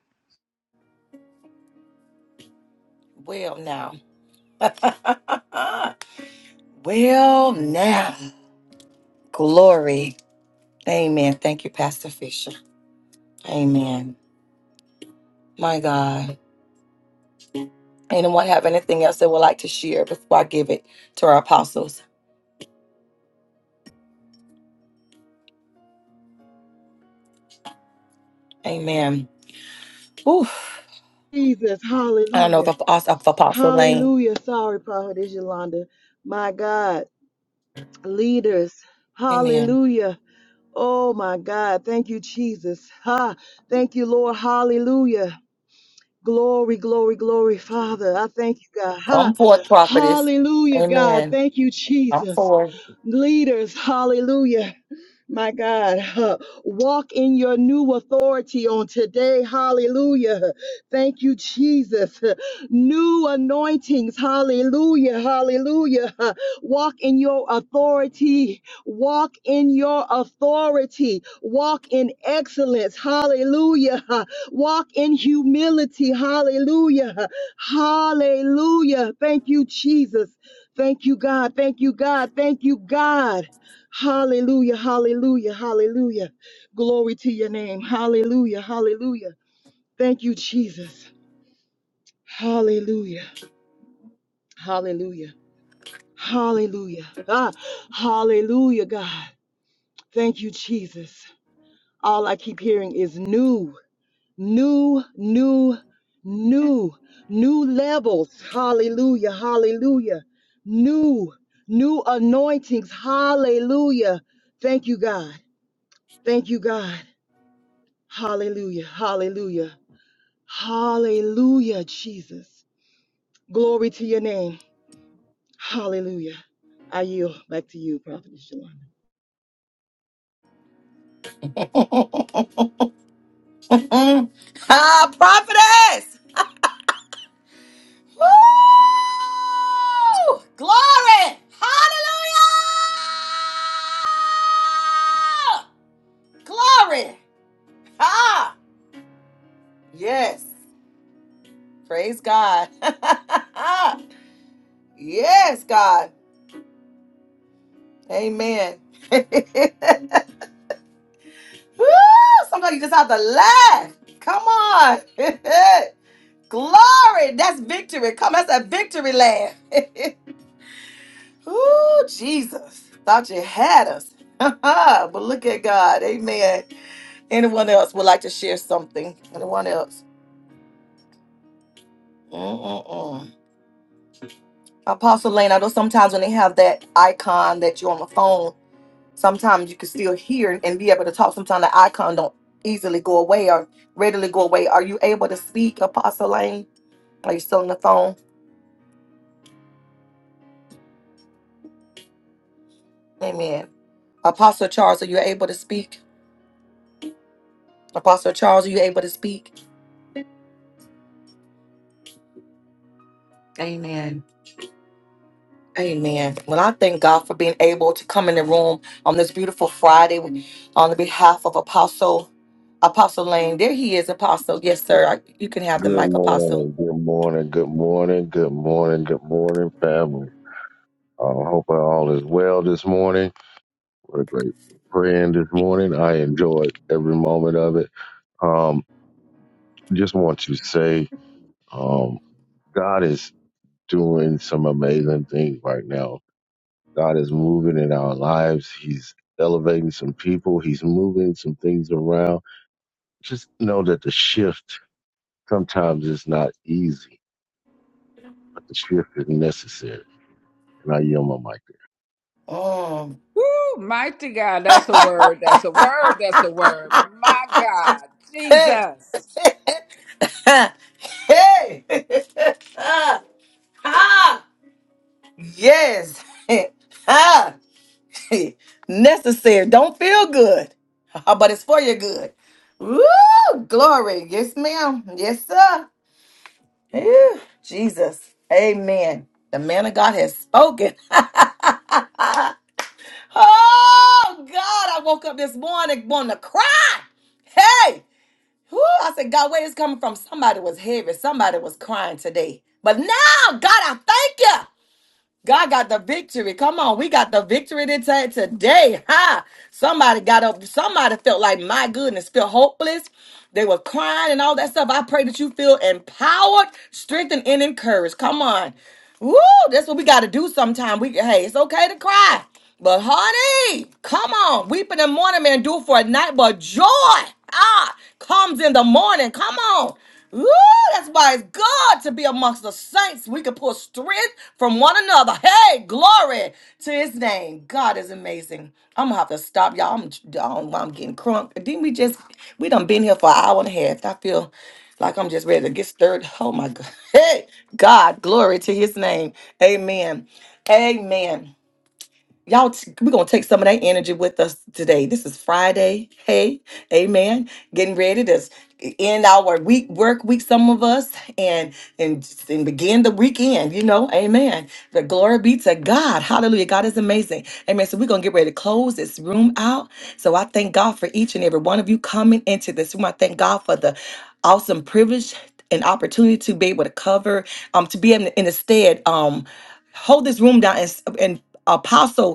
Speaker 1: well now. Well, now, glory. Amen. Thank you, Pastor Fisher. Amen. My God. Anyone have anything else they would like to share before I give it to our apostles? Amen. Oof.
Speaker 2: Jesus,
Speaker 1: I don't know if,
Speaker 2: hallelujah.
Speaker 1: Apos- if Apostle Lane.
Speaker 2: Hallelujah. Sorry, Prophetess Yolanda. My God, leaders,
Speaker 1: Amen.
Speaker 2: hallelujah. Oh, my God. Thank you, Jesus. Ha. Thank you, Lord. Hallelujah. Glory, glory, glory, Father. I thank you, God. Ha-
Speaker 1: Come forth, prophetess.
Speaker 2: Hallelujah, God.
Speaker 1: Amen.
Speaker 2: Thank you,
Speaker 1: Come
Speaker 2: Jesus.
Speaker 1: forth.
Speaker 2: Leaders, hallelujah. My God, huh, walk in your new authority on today. Hallelujah. Thank you, Jesus. New anointings. Hallelujah. Hallelujah. Huh, Walk in your authority. Walk in your authority. Walk in excellence. Hallelujah. Walk in humility. Hallelujah. Hallelujah. Thank you, Jesus. Thank you, God. Thank you, God. Thank you, God. Hallelujah. Hallelujah. Hallelujah. Glory to your name. Hallelujah. Hallelujah. Thank you, Jesus. Hallelujah. Hallelujah. Hallelujah. Ah, hallelujah, God. Thank you, Jesus. All I keep hearing is new. new, new, new, new levels. Hallelujah, hallelujah. New, new anointings. Hallelujah. Thank you, God. Thank you, God. Hallelujah, hallelujah, hallelujah, Jesus. Glory to your name. Hallelujah. I yield back to you, Prophet Shalom.
Speaker 1: Mm. Ah, prophetess! Woo! Glory! Hallelujah! Glory! Ah, yes. Praise God. yes, God. Amen. Woo! Somebody just have to laugh. Come on. Glory. That's victory. Come, that's a victory laugh. Ooh, Jesus. Thought you had us. but look at God. Amen. Anyone else would like to share something? Anyone else? Mm-mm-mm. Apostle Lane, I know sometimes when they have that icon that you're on the phone, sometimes you can still hear and be able to talk. Sometimes the icon don't easily go away or readily go away. Are you able to speak, Apostle Lane? Are you still on the phone? Amen. Apostle Charles, are you able to speak? Apostle Charles, are you able to speak? Amen. Well, I thank God for being able to come in the room on this beautiful Friday on the behalf of Apostle Apostle Lane. There he is, Apostle. Yes, sir. I, you can have the
Speaker 8: Good
Speaker 1: mic, Apostle.
Speaker 8: morning, good morning, good morning, good morning, good morning, family. I hope all is well this morning. What a great praying this morning. I enjoyed every moment of it. Um, just want to say, um, God is doing some amazing things right now. God is moving in our lives. He's elevating some people. He's moving some things around. Just know that the shift sometimes is not easy, but the shift is necessary. And I yield my mic.
Speaker 5: Woo, mighty God, that's a word. That's a word. That's a word. My God, Jesus.
Speaker 1: Ha! hey! Ah, ah. Yes. Ah. Necessary. Don't feel good, but it's for your good. Woo! Glory. Yes, ma'am. Yes, sir. Whew. Jesus. Amen. The man of God has spoken. oh, God. I woke up this morning wanting to cry. Hey! Whew, I said, God, where is this coming from? Somebody was heavy. Somebody was crying today. But now, God, I thank you. God got the victory. Come on, we got the victory today. Today, ha! Somebody got up. Somebody felt like my goodness, felt hopeless. They were crying and all that stuff. I pray that you feel empowered, strengthened, and encouraged. Come on, woo! That's what we got to do. Sometime we hey, it's okay to cry, but honey, come on, weeping in the morning man, do it for a night, but joy ah comes in the morning. Come on. Woo! That's why it's good to be amongst the saints. We can pull strength from one another. Hey, glory to his name. God is amazing. I'm gonna have to stop y'all. I'm I don't, know why I'm getting crunk. Didn't we just we done been here for an hour and a half? I feel like I'm just ready to get stirred. Oh my God. Hey, God, glory to his name. Amen. Amen y'all t- we're gonna take some of that energy with us today this is friday hey amen getting ready to s- end our week work week some of us and and, and begin the weekend you know amen the glory be to god hallelujah god is amazing amen so we're gonna get ready to close this room out so i thank god for each and every one of you coming into this room i thank god for the awesome privilege and opportunity to be able to cover um to be in, in the stead um hold this room down and, s- and apostle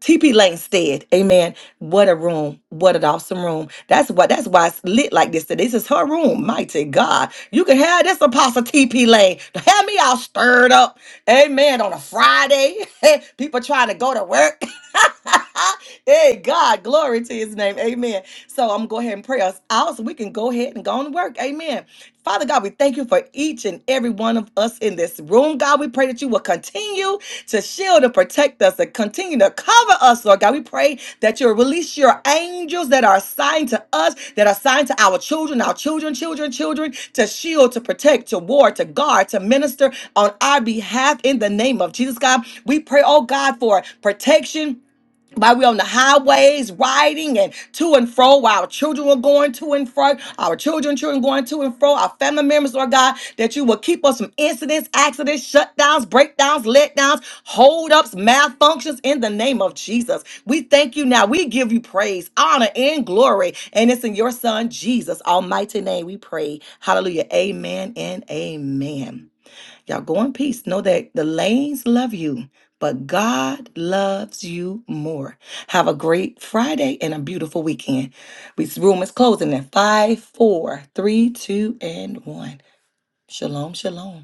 Speaker 1: TP Langstead, amen. What a room. What an awesome room. That's what. that's why it's lit like this. today. This is her room. Mighty God. You can have this apostle TP Lane. Have me all stirred up. Amen. On a Friday. People trying to go to work. hey God, glory to his name. Amen. So I'm gonna go ahead and pray us out so we can go ahead and go on to work. Amen. Father God, we thank you for each and every one of us in this room. God, we pray that you will continue to shield and protect us and continue to cover us, Lord God. We pray that you'll release your angels that are assigned to us, that are assigned to our children, our children, children, children, to shield, to protect, to ward, to guard, to minister on our behalf in the name of Jesus, God. We pray, oh God, for protection while we're on the highways riding and to and fro, while our children were going to and fro, our children, children going to and fro, our family members, Lord God, that you will keep us from incidents, accidents, shutdowns, breakdowns, letdowns, holdups, malfunctions in the name of Jesus. We thank you now. We give you praise, honor, and glory. And it's in your son, Jesus' almighty name we pray. Hallelujah. Amen and amen. Y'all go in peace. Know that the lanes love you, but God loves you more. Have a great Friday and a beautiful weekend. This room is closing at five, four, three, two, and 1. Shalom, shalom.